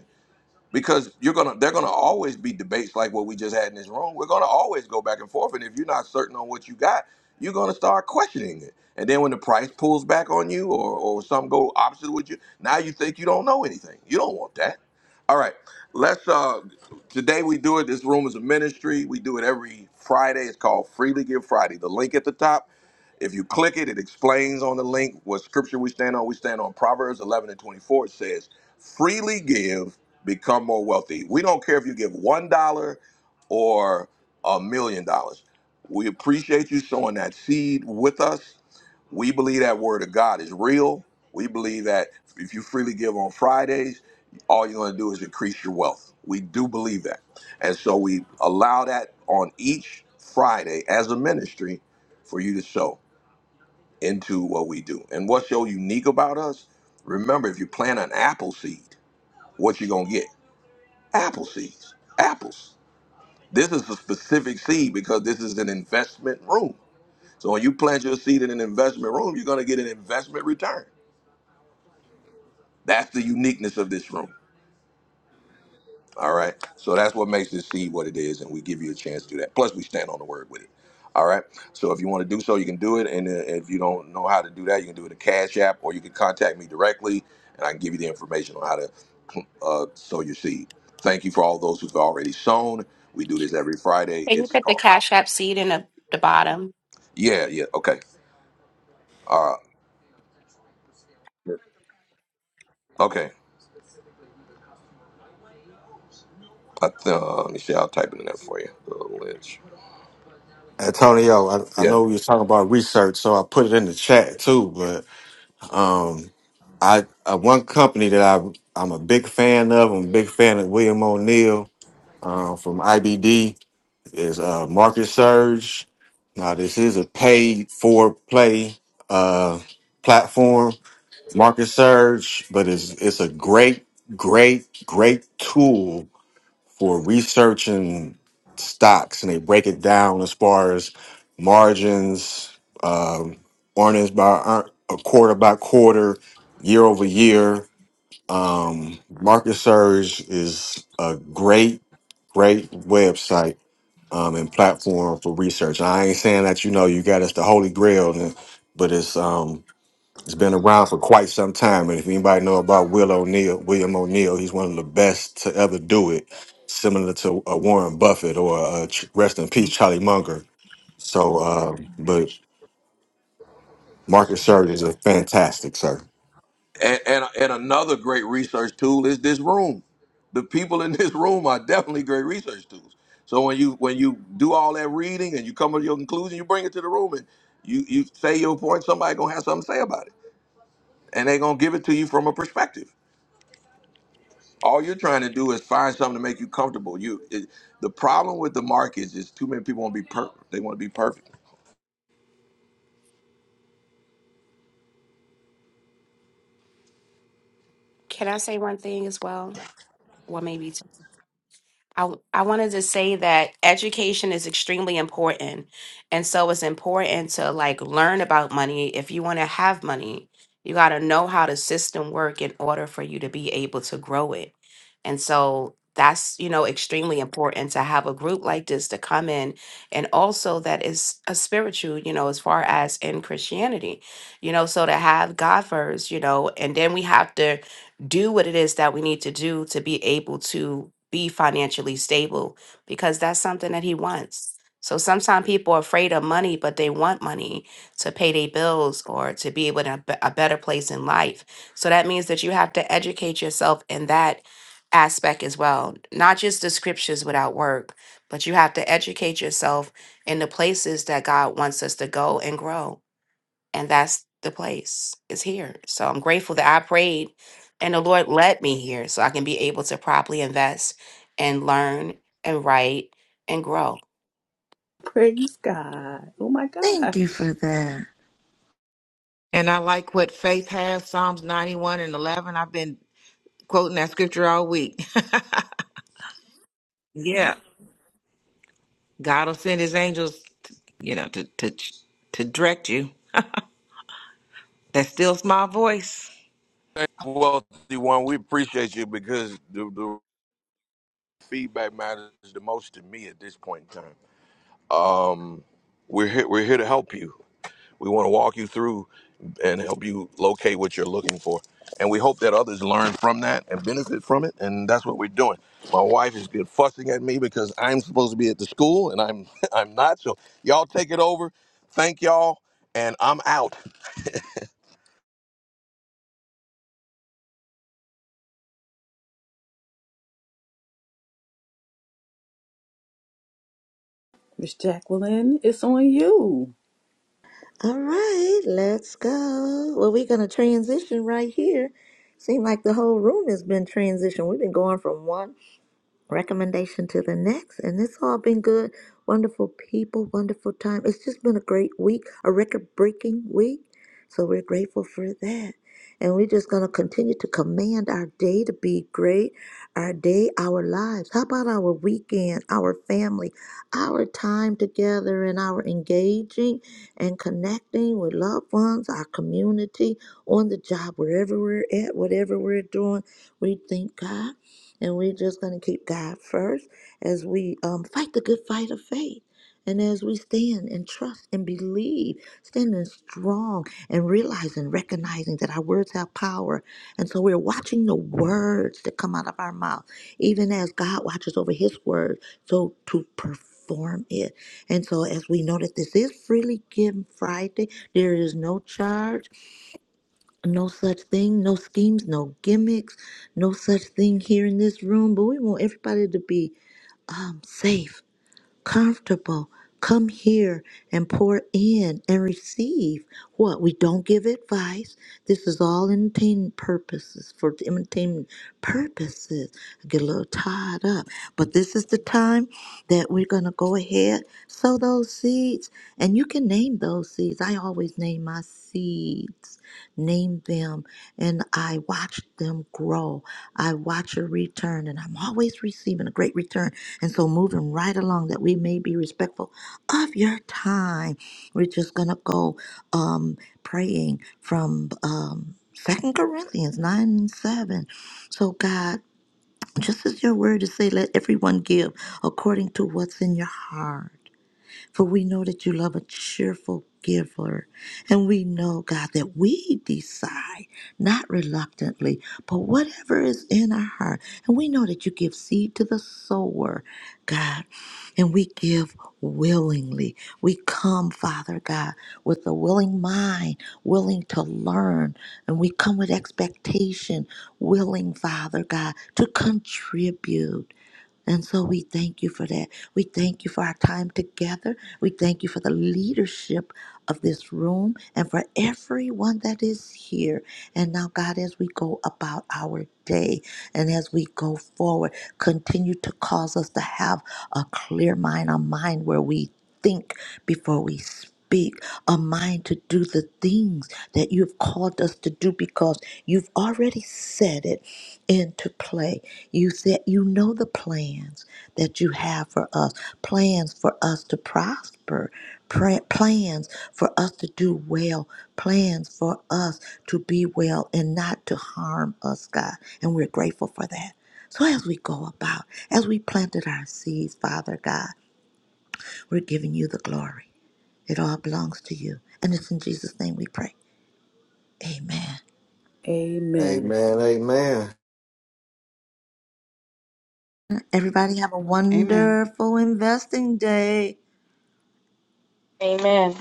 Speaker 1: because you're gonna they're gonna always be debates like what we just had in this room. We're gonna always go back and forth, and if you're not certain on what you got, you're gonna start questioning it. And then when the price pulls back on you, or or something go opposite with you, now you think you don't know anything. You don't want that. All right, let's. uh Today we do it. This room is a ministry. We do it every Friday. It's called Freely Give Friday. The link at the top if you click it, it explains on the link what scripture we stand on. We stand on Proverbs 11 and 24. It says, freely give, become more wealthy. We don't care if you give $1 or a million dollars. We appreciate you sowing that seed with us. We believe that word of God is real. We believe that if you freely give on Fridays, all you're going to do is increase your wealth. We do believe that. And so we allow that on each Friday as a ministry for you to sow into what we do. And what's so unique about us? Remember, if you plant an apple seed, what you gonna get? Apple seeds, apples. This is a specific seed because this is an investment room. So when you plant your seed in an investment room, you're gonna get an investment return. That's the uniqueness of this room. All right. So that's what makes this seed what it is, and we give you a chance to do that. Plus, we stand on the word with it. All right. So if you want to do so, you can do it. And uh, if you don't know how to do that, you can do it in Cash App, or you can contact me directly, and I can give you the information on how to <clears throat> uh, sow your seed. Thank you for all those who've already sown. We do this every Friday.
Speaker 5: can you
Speaker 1: It's
Speaker 5: put the
Speaker 1: called.
Speaker 5: cash app seed in the, the bottom
Speaker 1: Yeah. Yeah. Okay. Uh, okay. I th- uh, let me see. I'll type it in there for you. Uh, Lynch.
Speaker 9: <laughs> Antonio, I, I
Speaker 1: Yeah.
Speaker 9: know we was talking about research, so I put it in the chat too. But um, I uh, one company that I I'm a big fan of. I'm a big fan of William O'Neill uh, from IBD is uh, Market Surge. Now this is a paid for play uh, platform, Marcus Surge, but it's it's a great, great, great tool for researching stocks, and they break it down as far as margins, um, earnings by ear- a quarter by quarter, year over year. Um, Marcus Surge is a great, great website um, and platform for research. I ain't saying that you know you got it's the holy grail, but it's um, it's been around for quite some time, and if anybody know about Will O'Neill, William O'Neill, he's one of the best to ever do it, similar to uh, Warren Buffett or uh, Ch- rest in peace Charlie Munger. So, uh, but Marcus Surge is a fantastic sir.
Speaker 1: And, and and another great research tool is this room. The people in <laughs> this room are definitely great research tools. So when you when you do all that reading and you come to your conclusion, you bring it to the room and you you say your point. Somebody gonna have something to say about it, and they gonna give it to you from a perspective. All you're trying to do is find something to make you comfortable. You it, the problem with the markets is too many people want to be per They want to be perfect.
Speaker 5: can i say one thing as well well maybe two I, I wanted to say that education is extremely important. And so it's important to like learn about money. If you want to have money, you got to know how the system work in order for you to be able to grow it. And so that's, you know, extremely important to have a group like this to come in and also that is a spiritual, you know, as far as in Christianity, you know, so to have God first, you know, and then we have to do what it is that we need to do to be able to be financially stable because that's something that he wants. So sometimes people are afraid of money, but they want money to pay their bills or to be able to be- a better place in life. So that means that you have to educate yourself in that aspect as well, not just the scriptures without work, but you have to educate yourself in the places that God wants us to go and grow and that's the place is here so i'm grateful that i prayed and the lord led me here so i can be able to properly invest and learn and write and grow
Speaker 4: Praise God. Oh my
Speaker 2: thank you for
Speaker 4: gosh.
Speaker 2: that.
Speaker 6: And I like what faith has, Psalms 91 and 11. I've been quoting that scripture all week. <laughs> yeah. God will send his angels, you know, to, to, to direct you. That still small voice.
Speaker 1: Well, one, we appreciate you because the, the feedback matters the most to me at this point in time. Um, We're here, we're here to help you. We want to walk you through and help you locate what you're looking for. And we hope that others learn from that and benefit from it. And that's what we're doing. My wife is good fussing at me because I'm supposed to be at the school and I'm <laughs> I'm not. So y'all take it over. Thank y'all. And I'm out.
Speaker 4: Miss Jacqueline, it's on you.
Speaker 2: All right, let's go. Well, we're going to transition right here. Seem like the whole room has been transitioned. We've been going from one recommendation to the next. And it's all been good, wonderful people, wonderful time. It's just been a great week, a record breaking week. So we're grateful for that. And we're just going to continue to command our day to be great, our day, our lives. How about our weekend, our family, our time together, and our engaging and connecting with loved ones, our community, on the job, wherever we're at, whatever we're doing. We thank God and we're just going to keep God first as we um, fight the good fight of faith. And as we stand and trust and believe, standing strong and realizing, recognizing that our words have power. And so we're watching the words that come out of our mouth, even as God watches over his word, so to perform it. And so as we know that this is freely given Friday, there is no charge. No such thing, no schemes, no gimmicks, no such thing here in this room. But we want everybody to be um, safe, comfortable. Come here and pour in and receive what we don't give advice. This is all entertainment purposes for entertainment purposes. I get a little tied up, but this is the time that we're gonna go ahead sow those seeds, and you can name those seeds. I always name my seeds named them, and I watched them grow. I watch a return, and I'm always receiving a great return. And so, moving right along, that we may be respectful of your time. We're just gonna go um, praying from um, 2 Corinthians 9 and 7. So, God, just as your word is say, let everyone give according to what's in your heart for we know that you love a cheerful giver. And we know, God, that we decide, not reluctantly, but whatever is in our heart. And we know that you give seed to the sower, God. And we give willingly. We come, Father God, with a willing mind, willing to learn. And we come with expectation, willing, Father God, to contribute. And so we thank you for that. We thank you for our time together. We thank you for the leadership of this room and for everyone that is here. And now, God, as we go about our day and as we go forward, continue to cause us to have a clear mind, a mind where we think before we speak speak, a mind to do the things that you've called us to do because you've already set it into play. You said you know the plans that you have for us, plans for us to prosper, pra- plans for us to do well, plans for us to be well and not to harm us, God. And we're grateful for that. So as we go about, as we planted our seeds, Father God, we're giving you the glory. It all belongs to you. And it's in Jesus' name we pray. Amen.
Speaker 4: Amen.
Speaker 9: Amen, amen.
Speaker 2: Everybody have a
Speaker 16: Amen.
Speaker 2: wonderful investing day.
Speaker 3: Amen.